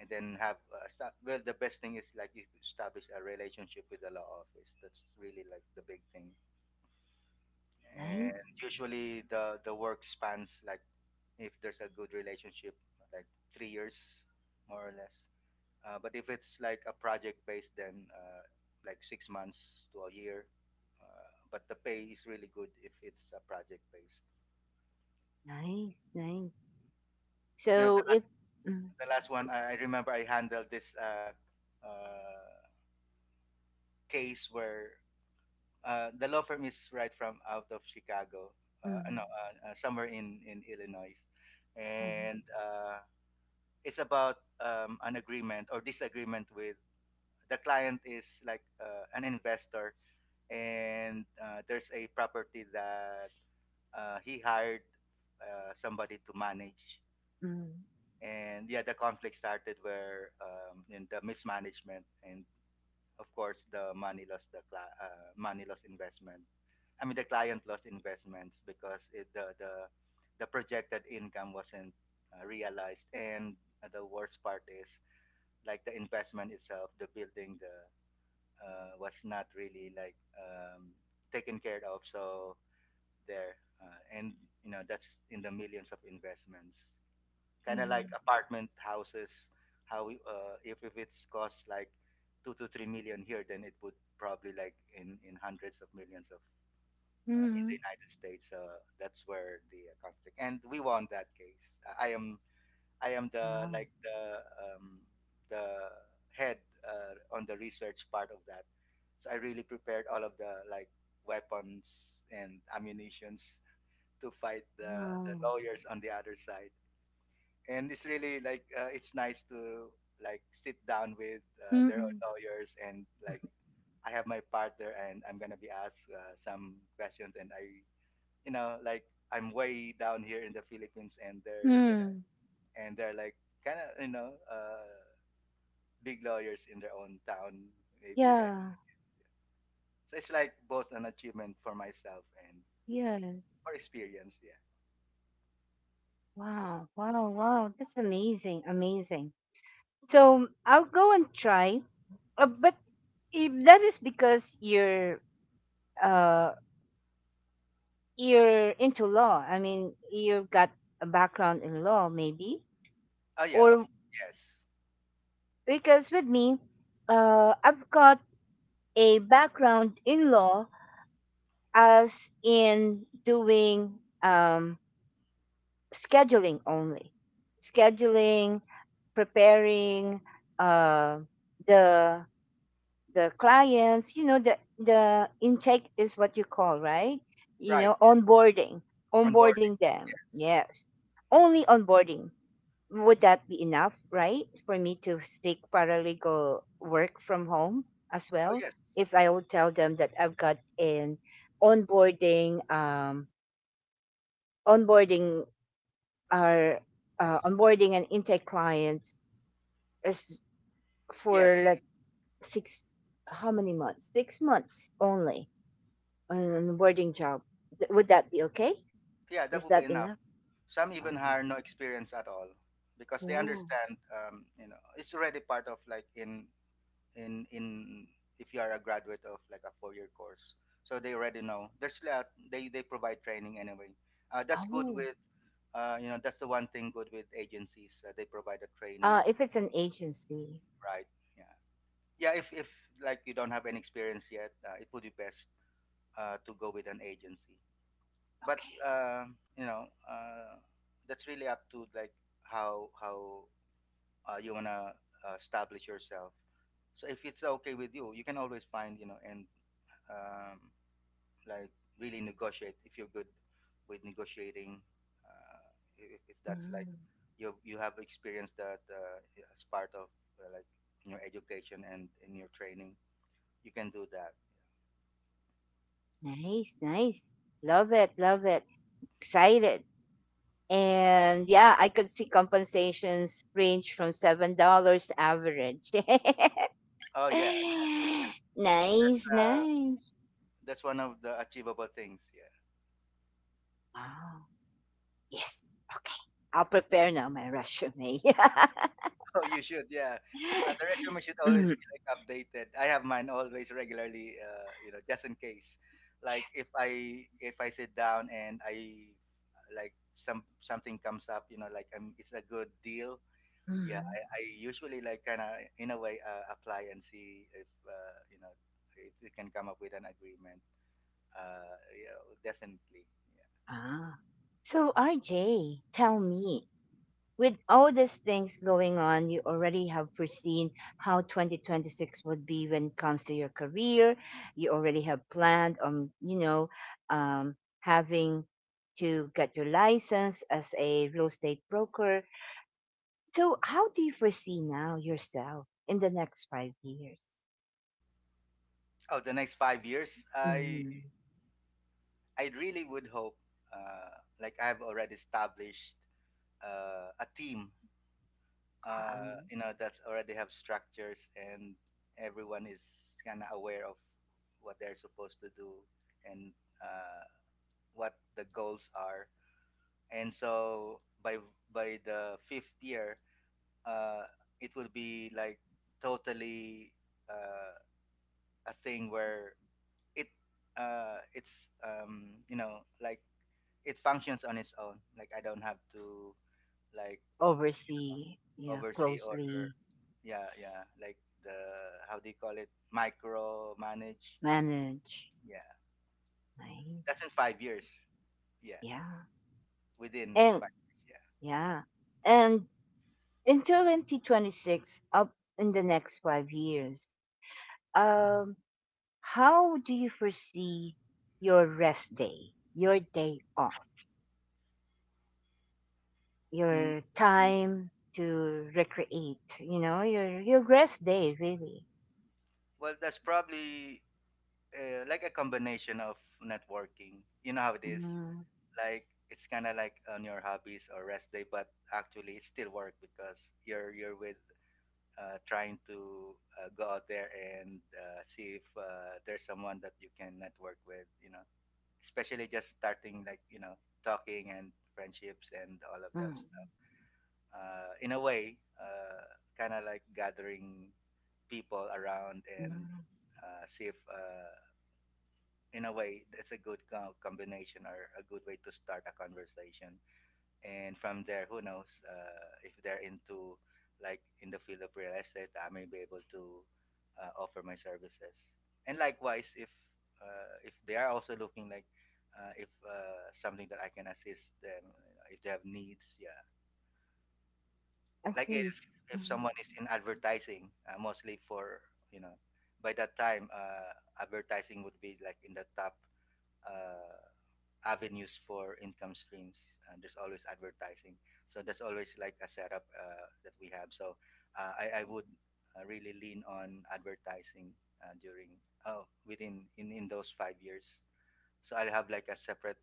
B: and then have uh, sta well the best thing is like you establish a relationship with the law office. That's really like the big thing, and
A: nice,
B: usually the the work spans like if there's a good relationship like three years more or less, uh, but if it's like a project based, then uh, like six months to a year, uh, but the pay is really good if it's a project based.
A: nice, nice.
B: You know, the
A: So if.
B: last,
A: mm,
B: the last one
A: c-
B: i I remember, I handled this uh, uh, case where uh, the law firm is right from out of Chicago, uh, no,
A: mm,
B: uh, uh, somewhere in in Illinois,
A: mm,
B: and uh, it's about um, an agreement or disagreement with, the client is like uh, an investor, and uh, there's a property that uh, he hired uh, somebody to manage,
A: mm,
B: and yeah, the conflict started where um, in the mismanagement and of course the money lost, the cli- uh, money lost investment, I mean, the client lost investments because it, the the the projected income wasn't uh, realized, and the worst part is like the investment itself, the building, the uh, was not really like um, taken care of. So there, uh, and you know that's in the millions of investments, kind of like
A: mm.
B: apartment houses. How we, uh, if if it's cost like two to three million here, then it would probably like in in hundreds of millions of uh, in the
A: mm.
B: United States. Uh, that's where the uh, conflict, and we won that case. I I am I am the
A: Wow.
B: like the um, the head uh, on the research part of that. So I really prepared all of the like weapons and ammunitions to fight the the
A: Wow.
B: lawyers on the other side. And it's really like uh, it's nice to like sit down with uh, their own
A: Mm-mm.
B: lawyers and like, I have my partner and I'm gonna be asked uh, some questions, and I, you know, like I'm way down here in the Philippines and they're there,
A: Mm.
B: and they're like kind of, you know, uh big lawyers in their own town maybe, and
A: Yeah.
B: so it's like both an achievement for myself and
A: Yes.
B: for experience. Yeah.
A: Wow. Wow. Wow. That's amazing. Amazing. So I'll go and try. Uh, but if that is because you're, uh you're into law. I mean, you've got a background in law, maybe,
B: Oh yeah, of,
A: or
B: yes,
A: because with me, uh, I've got a background in law, as in doing um scheduling only, scheduling, preparing, uh, the the clients, you know, the the intake is what you call, right? You
B: right,
A: know, onboarding,
B: on board,
A: onboarding them,
B: yes.
A: yes, only onboarding. Would that be enough, right, for me to seek paralegal work from home as
B: Oh
A: well,
B: yes,
A: if I would tell them that I've got an onboarding, um onboarding our, uh, onboarding and intake clients, is for
B: yes,
A: like six, how many months, six months only on an onboarding job. Th- would that be okay?
B: yeah, that
A: Is
B: would be
A: that
B: enough.
A: enough?
B: Some even
A: Uh-huh.
B: hire no experience at all because they
A: Oh.
B: understand, um you know, it's already part of like in in in if you are a graduate of like a four year course, so they already know there's a, they they provide training anyway. uh, that's good
A: Oh.
B: with uh, you know, that's the one thing good with agencies, uh, they provide the training,
A: uh, if it's an agency.
B: right. Yeah, yeah, if if like you don't have any experience yet, uh, it would be best uh, to go with an agency. But
A: Okay.
B: uh, you know, uh, that's really up to like how how uh, you want to uh, establish yourself. So if it's okay with you, you can always find, you know, and um, like really negotiate if you're good with negotiating. Uh, if, if that's like
A: Mm.
B: you you have experienced that uh, as part of uh, like in your education and in your training, you can do that.
A: Nice, nice, love it, love it. Excited. And yeah, I could see compensations range from seven dollars average.
B: Oh yeah, that's
A: Nice,
B: uh,
A: nice.
B: that's one of the achievable things. Yeah.
A: Ah, yes. Okay. I'll prepare now my resume.
B: Oh, you should, yeah. Uh, the resume should always
A: Mm,
B: be like updated. I have mine always regularly, uh, you know, just in case. Like
A: yes.
B: if I if I sit down and I like some something comes up, you know, like um, it's a good deal. Yeah, I,
A: Mm.
B: I usually like kind of in a way uh, apply and see if uh, you know, if we can come up with an agreement. Uh, yeah, definitely. Yeah.
A: Ah. So, R J, tell me, with all these things going on, you already have foreseen how twenty twenty-six would be when it comes to your career. You already have planned on, you know, um, having to get your license as a real estate broker. So, how do you foresee now yourself in the next five years?
B: Oh, the next five years, I
A: Mm-hmm.
B: I really would hope uh, like I've already established uh, a team uh,
A: Um,
B: you know, that's already have structures, and everyone is kind of aware of what they're supposed to do, and uh, what the goals are, and so by by the fifth year, uh, it will be like totally uh, a thing where it uh, it's um, you know, like it functions on its own, like I don't have to like
A: oversee, yeah,
B: oversee or,
A: closely
B: yeah, yeah, like the, how do you call it, micro manage.
A: manage.
B: Yeah,
A: Nice.
B: that's in five years, yeah,
A: Yeah.
B: within
A: And
B: five years.
A: yeah. And in twenty twenty-six, up in the next five years, um, how do you foresee your rest day, your day off,
B: Yeah. Mm,
A: your
B: mm.
A: time to recreate, you know, your, your rest day, really?
B: Well, that's probably uh, like a combination of networking. You know how it is.
A: Mm,
B: Like, it's kind of like on your hobbies or rest day, but actually it's still work because you're you're with, uh, trying to, uh, go out there and, uh, see if, uh, there's someone that you can network with, you know, especially just starting, like, you know, talking and friendships and all of
A: mm,
B: that stuff, uh, in a way, uh, kind of like gathering people around and,
A: mm.
B: uh, see if, uh, in a way that's a good co- combination or a good way to start a conversation. And from there, who knows, uh, if they're into, like, in the field of real estate, I may be able to, uh, offer my services. And likewise, if, uh, if they are also looking, like, uh, if, uh, something that I can assist them, you know, if they have needs, yeah.
A: I
B: Like if
A: see.
B: if
A: Mm,
B: someone is in advertising, uh, mostly for, you know, by that time, uh, advertising would be like in the top, uh, avenues for income streams. Uh, there's always advertising, so that's always like a setup, uh, that we have. So, uh, I I would, uh, really lean on advertising, uh, during, oh within, in in those five years. So I'll have like a separate,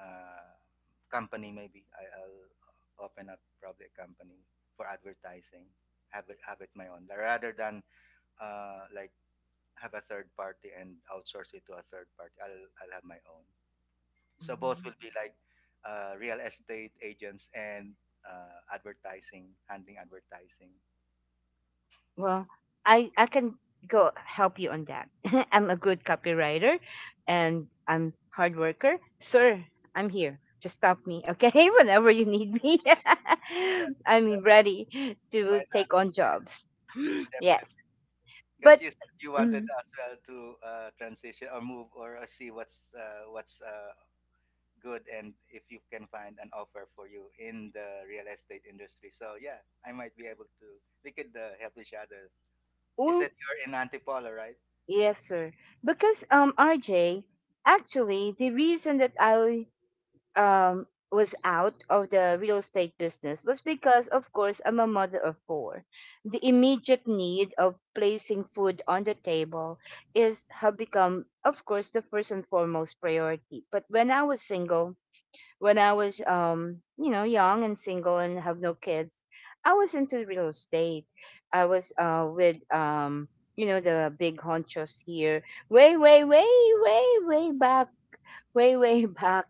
B: uh, company maybe. I, I'll open up probably a company for advertising. Have it have it my own rather than, uh, like, have a third party and outsource it to a third party. I'll I'll have my own. So both
A: mm.
B: will be like, uh, real estate agents and, uh, advertising, handling advertising.
A: Well, I I can go help you on that. I'm a good copywriter and I'm hard worker. Sir, I'm here. Just stop me, okay? Whenever you need me.
B: Uh,
A: I'm ready
B: Why
A: to
B: not?
A: take on jobs. Yes.
B: Definitely, because
A: But
B: you said you wanted
A: mm,
B: as well to, uh, transition or move or uh, see what's uh, what's uh, good, and if you can find an offer for you in the real estate industry. So yeah, I might be able to. We could, uh, help each other. You
A: oh,
B: said you're in Antipolo, right?
A: yes, sir. Because um R J, actually the reason that I um, was out of the real estate business was because, of course, I'm a mother of four. The immediate need of placing food on the table is have become, of course, the first and foremost priority. But when I was single, when I was, um, you know, young and single and have no kids, I was into real estate. I was uh, with, um, you know, the big honchos here, way, way, way, way, way back, way, way back,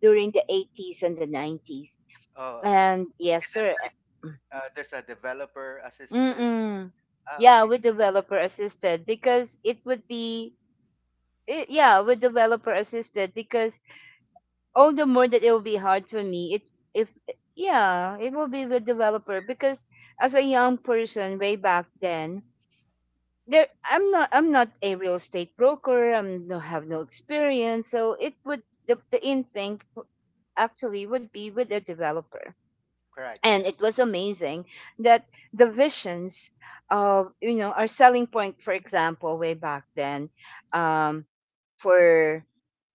A: during the eighties and the nineties.
B: Oh,
A: And yes,
B: is it
A: sir.
B: like,
A: Eh,
B: uh, there's a developer assisted?
A: Mm-mm.
B: Ah,
A: Yeah,
B: okay,
A: with developer assisted, because it would be it, yeah, with developer assisted because all the more that it will be hard for me. It if eh, yeah, it will be with developer because as a young person way back then, there i'm not I'm not a real estate broker, I'm no have no experience, so it would, the, the in thing actually would be with the developer.
B: correct.
A: And
B: Yeah.
A: it was amazing that the visions of, you know, our selling point, for example, way back then, um, for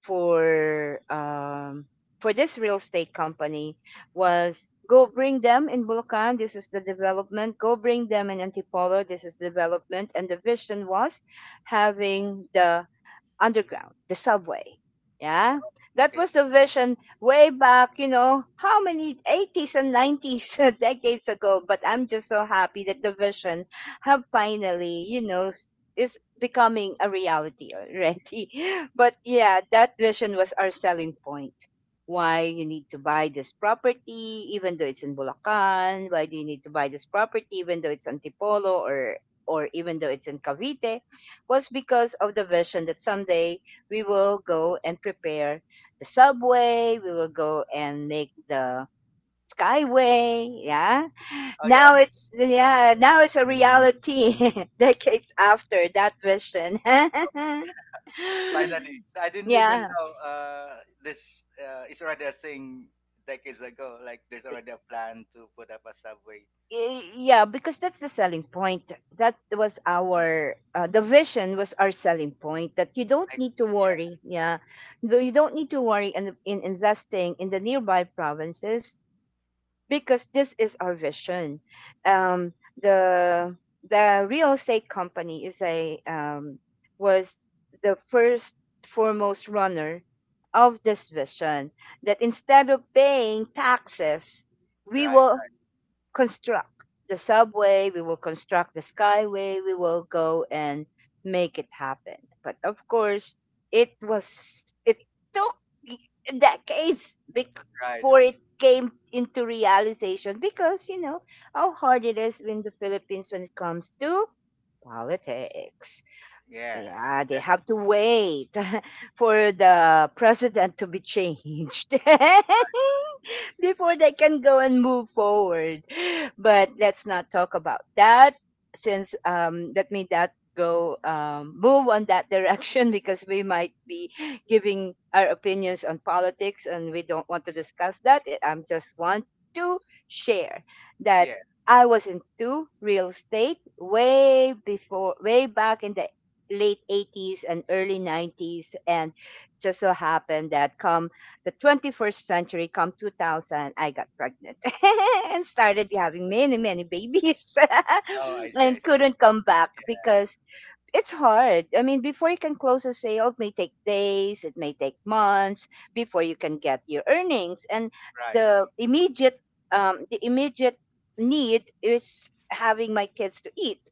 A: for um for this real estate company, was go bring them in Bulacan. This is the development. Go bring them in Antipolo. This is development. And the vision was having the underground, the subway. Yeah, that
B: Okay.
A: was the vision way back, you know, how many, eighties and nineties decades ago. But I'm just so happy that the vision have finally, you know, s- is becoming a reality already. But yeah, that vision was our selling point. Why you need to buy this property, even though it's in Bulacan? Why do you need to buy this property, even though it's in Antipolo, or or even though it's in Cavite? Was because of the vision that someday we will go and prepare the subway, we will go and make the skyway. Yeah.
B: Oh
A: Now
B: yeah.
A: it's, yeah, now it's a reality decades after that vision.
B: Finally. So, I didn't even
A: Yeah.
B: know uh, this uh, is already a thing decades ago. Like there's already a plan to put up a subway.
A: Y- yeah because that's the selling point, that was
B: Um,
A: our uh, the vision was our selling point, that you don't
B: I s
A: need to
B: Yeah,
A: worry, yeah. Though you don't need to worry in, in investing in the nearby provinces because this is our vision. Um the the real estate company is a um was the first, foremost runner of this vision, that instead of paying taxes we
B: right,
A: will construct the subway, we will construct the skyway, we will go and make it happen. But of course, it was it took decades bec-
B: right,
A: before
B: right.
A: it came into realization, because you know how hard it is in the Philippines when it comes to politics.
B: Yeah,
A: Yeah, they
B: that.
A: have to wait for the president to be changed. Before they can go and move forward. But let's not talk about that since, um, let me that go, um, move on that direction, because we might be giving our opinions on politics and we don't want to discuss that. I am just want to share that
B: Yeah.
A: I was into real estate way before, way back in the late eighties and early nineties, and just so happened that come the twenty-first century, come two thousand, I got pregnant and started having many, many babies
B: Oh, I see, I
A: and
B: see.
A: couldn't come back because it's hard. I mean, before you can close a sale, it may take days, it may take months before you can get your earnings. And
B: Right,
A: the immediate, um, the immediate need is having my kids to eat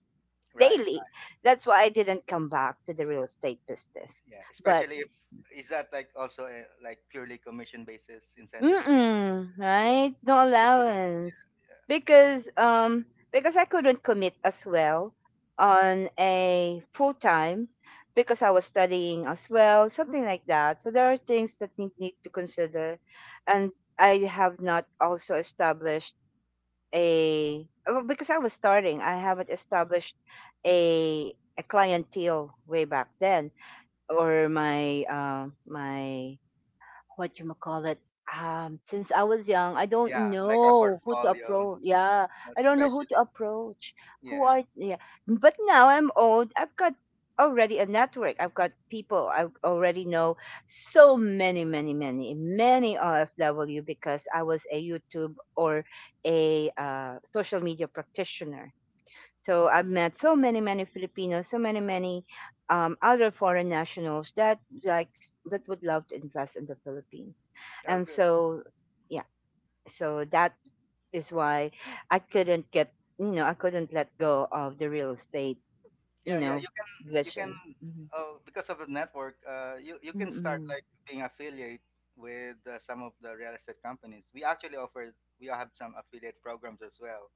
B: right,
A: daily.
B: right.
A: That's why I didn't come back to the real estate business.
B: Yeah,
A: But
B: especially if, is that like also a, like purely commission basis, incentives basis.
A: mm-mm,
B: Yeah,
A: right? No
B: usually.
A: allowance.
B: Yeah,
A: Because um because I couldn't commit as well on a full time, because I was studying as well, something like that. So there are things that need, need to consider. And I have not also established a oh, because I was starting, I haven't established a a clientele way back then, or my uh, my what you call it, um since I was young, I don't
B: yeah, like a
A: know who to
B: portfolio,
A: approach, yeah. I don't know who to
B: especially.
A: approach, who
B: Yeah.
A: are, yeah. But now I'm old, I've got already a network, I've got people I already know, so many, many, many, many O F W, because I was a YouTube or a uh, social media practitioner. So I've met so many, many Filipinos, so many, many um, other foreign nationals, that like that would love to invest in the Philippines,
B: Oh,
A: and
B: good.
A: so, yeah, so that is why I couldn't get, you know, I couldn't let go of the real estate, you
B: Yeah, yeah,
A: know,
B: you can. You can,
A: vision. Hmm.
B: uh, because of the network, uh, you you can start
A: Mm.
B: like being affiliate with, uh, some of the real estate companies. We actually offer, we have some affiliate programs as well,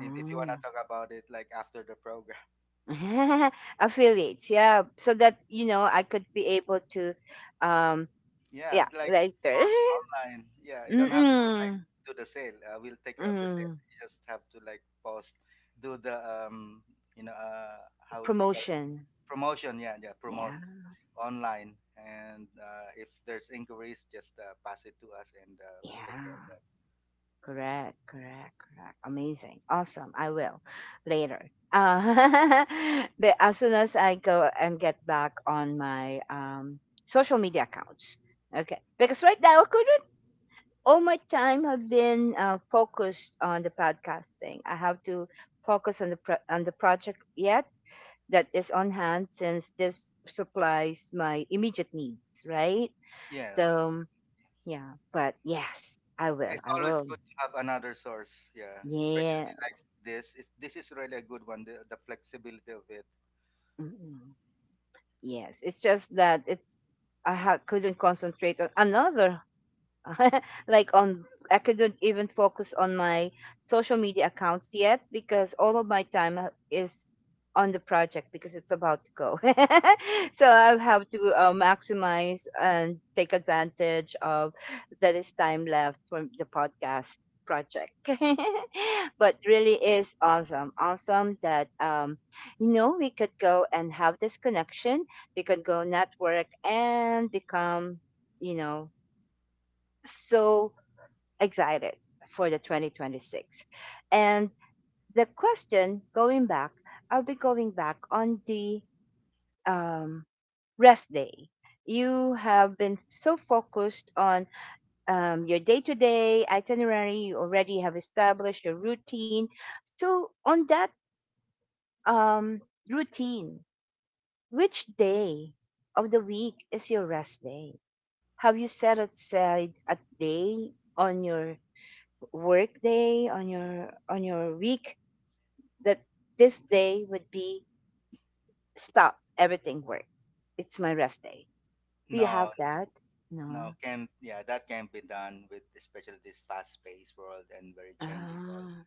B: if, if you want to talk about it like after the program.
A: Affiliates, yeah, so that, you know, I could be able to, um
B: Yeah,
A: yeah,
B: like
A: later.
B: post online. Yeah, you don't have to, like,
A: Mm-mm.
B: do the sale. Uh, we'll take care of the sale.
A: Mm.
B: You just have to, like, post, do the um you know, uh, how they call it,
A: Promotion.
B: promotion. Yeah, yeah, promote
A: Yeah.
B: online. And, uh, if there's inquiries, just, uh, pass it to us and, uh, we'll take care of
A: Yeah.
B: that.
A: Correct. Correct. Correct. Amazing. Awesome. I will later. Uh, but as soon as I go and get back on my, um, social media accounts. Okay. Because right now I couldn't, all my time have been uh, focused on the podcasting. I have to focus on the pro- on the project yet, that is on hand, since this supplies my immediate needs, right?
B: Yeah,
A: So, yeah, but yes, I
B: yeah,
A: will.
B: it's
A: I
B: always
A: will.
B: good to have another source. Yeah, especially
A: Yeah.
B: this. Is, this is really a good one. The, the flexibility of it.
A: Mm. Yes. It's just that it's, I ha- couldn't concentrate on another, like on, I couldn't even focus on my social media accounts yet, because all of my time uh, is on the project, because it's about to go. So I have to uh, maximize and take advantage of that is time left from the podcast project. But really is awesome. Awesome that, um you know, we could go and have this connection. We could go network and become, you know, so excited for the twenty twenty-six. And the question going back, I'll be going back on the, um, rest day. You have been so focused on, um, your day to day itinerary, you already have established your routine. So, on that, um, routine, which day of the week is your rest day? Have you set aside a day on your work day, on your, on your week, that this day would be stop everything work, it's my rest day, do you
B: No,
A: have that?
B: no,
A: No.
B: can, yeah, that can be done with, especially this fast-paced world and very changing world.
A: Ah.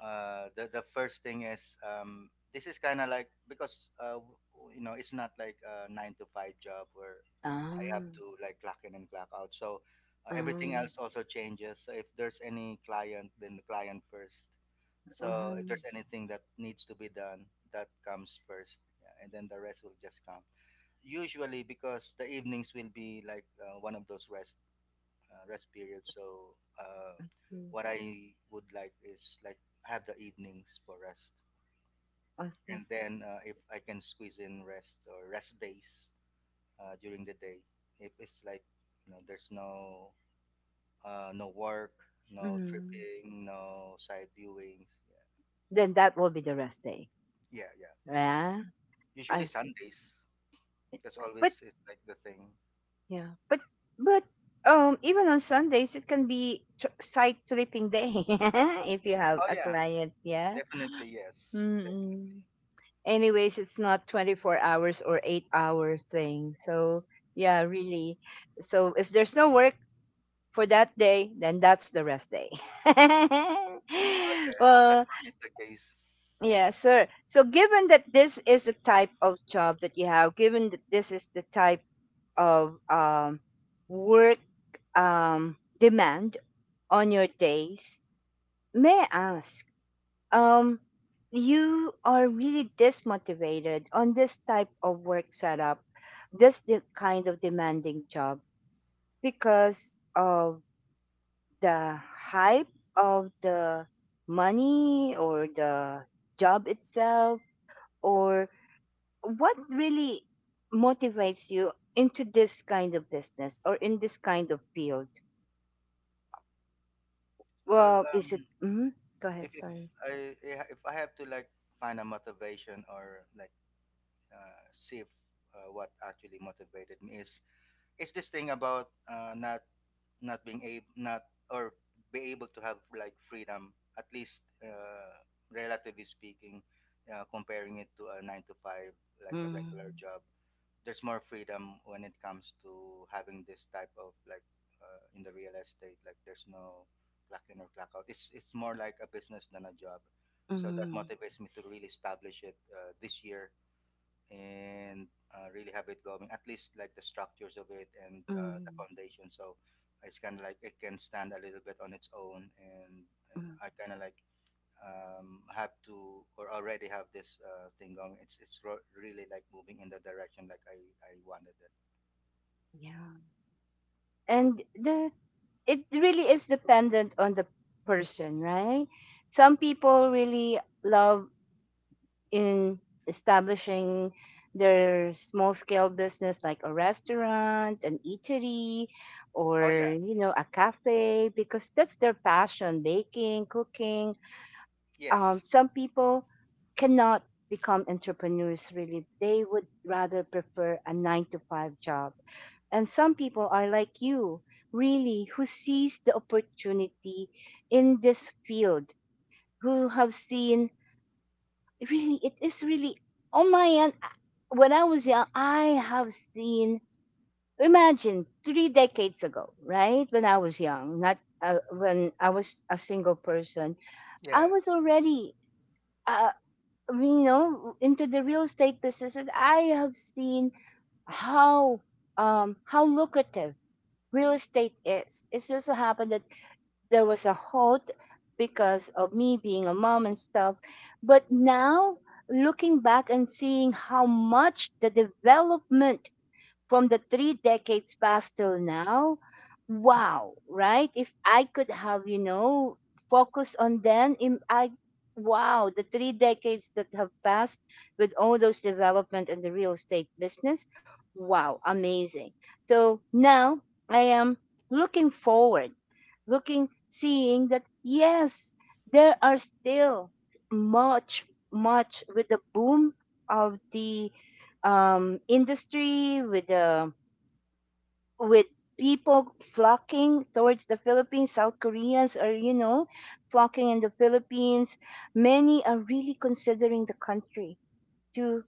B: uh, the the first thing is, um, this is kind of like, because, uh, you know, it's not like a nine to five job where I have
A: Ah.
B: to like clock in and clock out. So, uh,
A: Ah.
B: everything else also changes. So if there's any client, then the client first. So
A: Ah.
B: if there's anything that needs to be done, that comes first, yeah, and then the rest will just come. Usually, because the evenings will be like, uh, one of those rest, uh, rest period. So, uh,
A: I see.
B: what I would like is, like, have the evenings for rest,
A: I see.
B: and then, uh, if I can squeeze in rest or rest days, uh, during the day, if it's like, you know, there's no, uh, no work, no
A: Mm.
B: tripping, no side viewings.
A: Then that will be the rest day.
B: Yeah, yeah, yeah.
A: Yeah. I
B: Usually
A: see.
B: Sundays. That's
A: but
B: always is like the thing.
A: yeah but but um even on Sundays it can be tr- site tripping day, if you have
B: Oh
A: a
B: yeah,
A: client, yeah.
B: definitely yes. Definitely.
A: Mm. Anyways, it's not twenty-four hours or eight hour thing, so, yeah, really, so if there's no work for that day, then that's the rest day.
B: Oh yeah, that's
A: Well,
B: always the case.
A: yeah, sir, so given that this is the type of job that you have, given that this is the type of, um, work, um, demand on your days, may I ask, um you are really dismotivated on this type of work setup, this the kind of demanding job, because of the hype of the money or the job itself, or what really motivates you into this kind of business or in this kind of field?
B: Well,
A: Well, is it,
B: um,
A: mm, go ahead,
B: if, if
A: sorry.
B: I eh, if I have to, like, find a motivation or like, uh, see if, uh, what actually motivated me is is this thing about, uh, not, not being able, not, or be able to have like freedom, at least, uh, relatively speaking, uh, comparing it to a nine to five, like a regular
A: Mm.
B: job. There's more freedom when it comes to having this type of like, uh, in the real estate, like there's no clock in or clock out. It's it's more like a business than a job. So that
A: Mm.
B: motivates me to really establish it, uh, this year, and, uh, really have it going, at least like the structures of it and, uh, the
A: Mm.
B: foundation. So it's kind of like it can stand a little bit on its own, and, and
A: Mm.
B: I kind of like, um, have to, or already have this, uh, thing going. It's it's ro- really like moving in the direction like I I wanted it.
A: Yeah. And the, it really is dependent on the person, right? Some people really love in establishing their small scale business, like a restaurant, an eatery,
B: Oh yeah,
A: or, you know, a cafe, because that's their passion, baking, cooking. Um,
B: yes,
A: some people cannot become entrepreneurs, really, they would rather prefer a nine to five job. And some people are like you, really, who sees the opportunity in this field, who have seen, really it is really on my end. I- when I was young, I have seen, imagine three decades ago, right, when I was young, not uh, when I was a single person, I
B: yeah.
A: was already, uh, you know, into the real estate business, and I have seen how, um how lucrative real estate is. It just so happened that there was a halt because of me being a mom and stuff. But now, looking back and seeing how much the development from the three decades past till now, wow, right? If I could have, you know, focus on them, im- i wow, the three decades that have passed with all those development in the real estate business, wow, amazing. So now I am looking forward, looking, seeing that yes, there are still much, much with the boom of the, um, industry, with the with people flocking towards the Philippines. South Koreans are, you know, flocking in the Philippines. Many are really considering the country to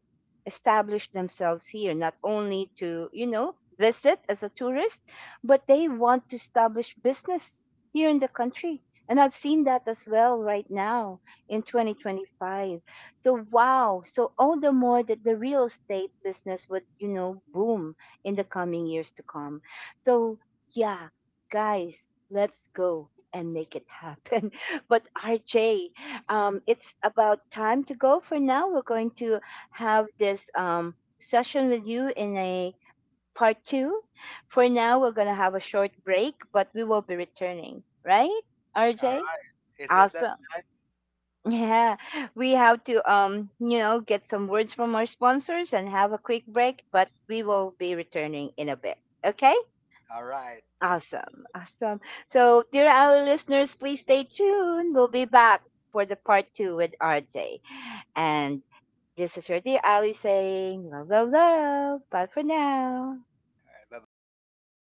A: establish themselves here, not only to, you know, visit as a tourist, but they want to establish business here in the country. And I've seen that as well right now in twenty twenty-five. So, wow. So, all the more that the real estate business would, you know, boom in the coming years to come. So, yeah, guys, let's go and make it happen. But, R J, um, it's about time to go for now. We're going to have this um, session with you in a part two. For now, we're going to have a short break, but we will be returning, right,
B: All
A: R J?
B: right. Is it that
A: Awesome.
B: time?
A: Yeah. We have to, um, you know, get some words from our sponsors and have a quick break, but we will be returning in a bit. Okay?
B: All right.
A: Awesome. Awesome. So, dear our listeners, please stay tuned. We'll be back for the part two with R J. And this is your dear Ali saying love, love, love. Bye for now.
B: Bye bye.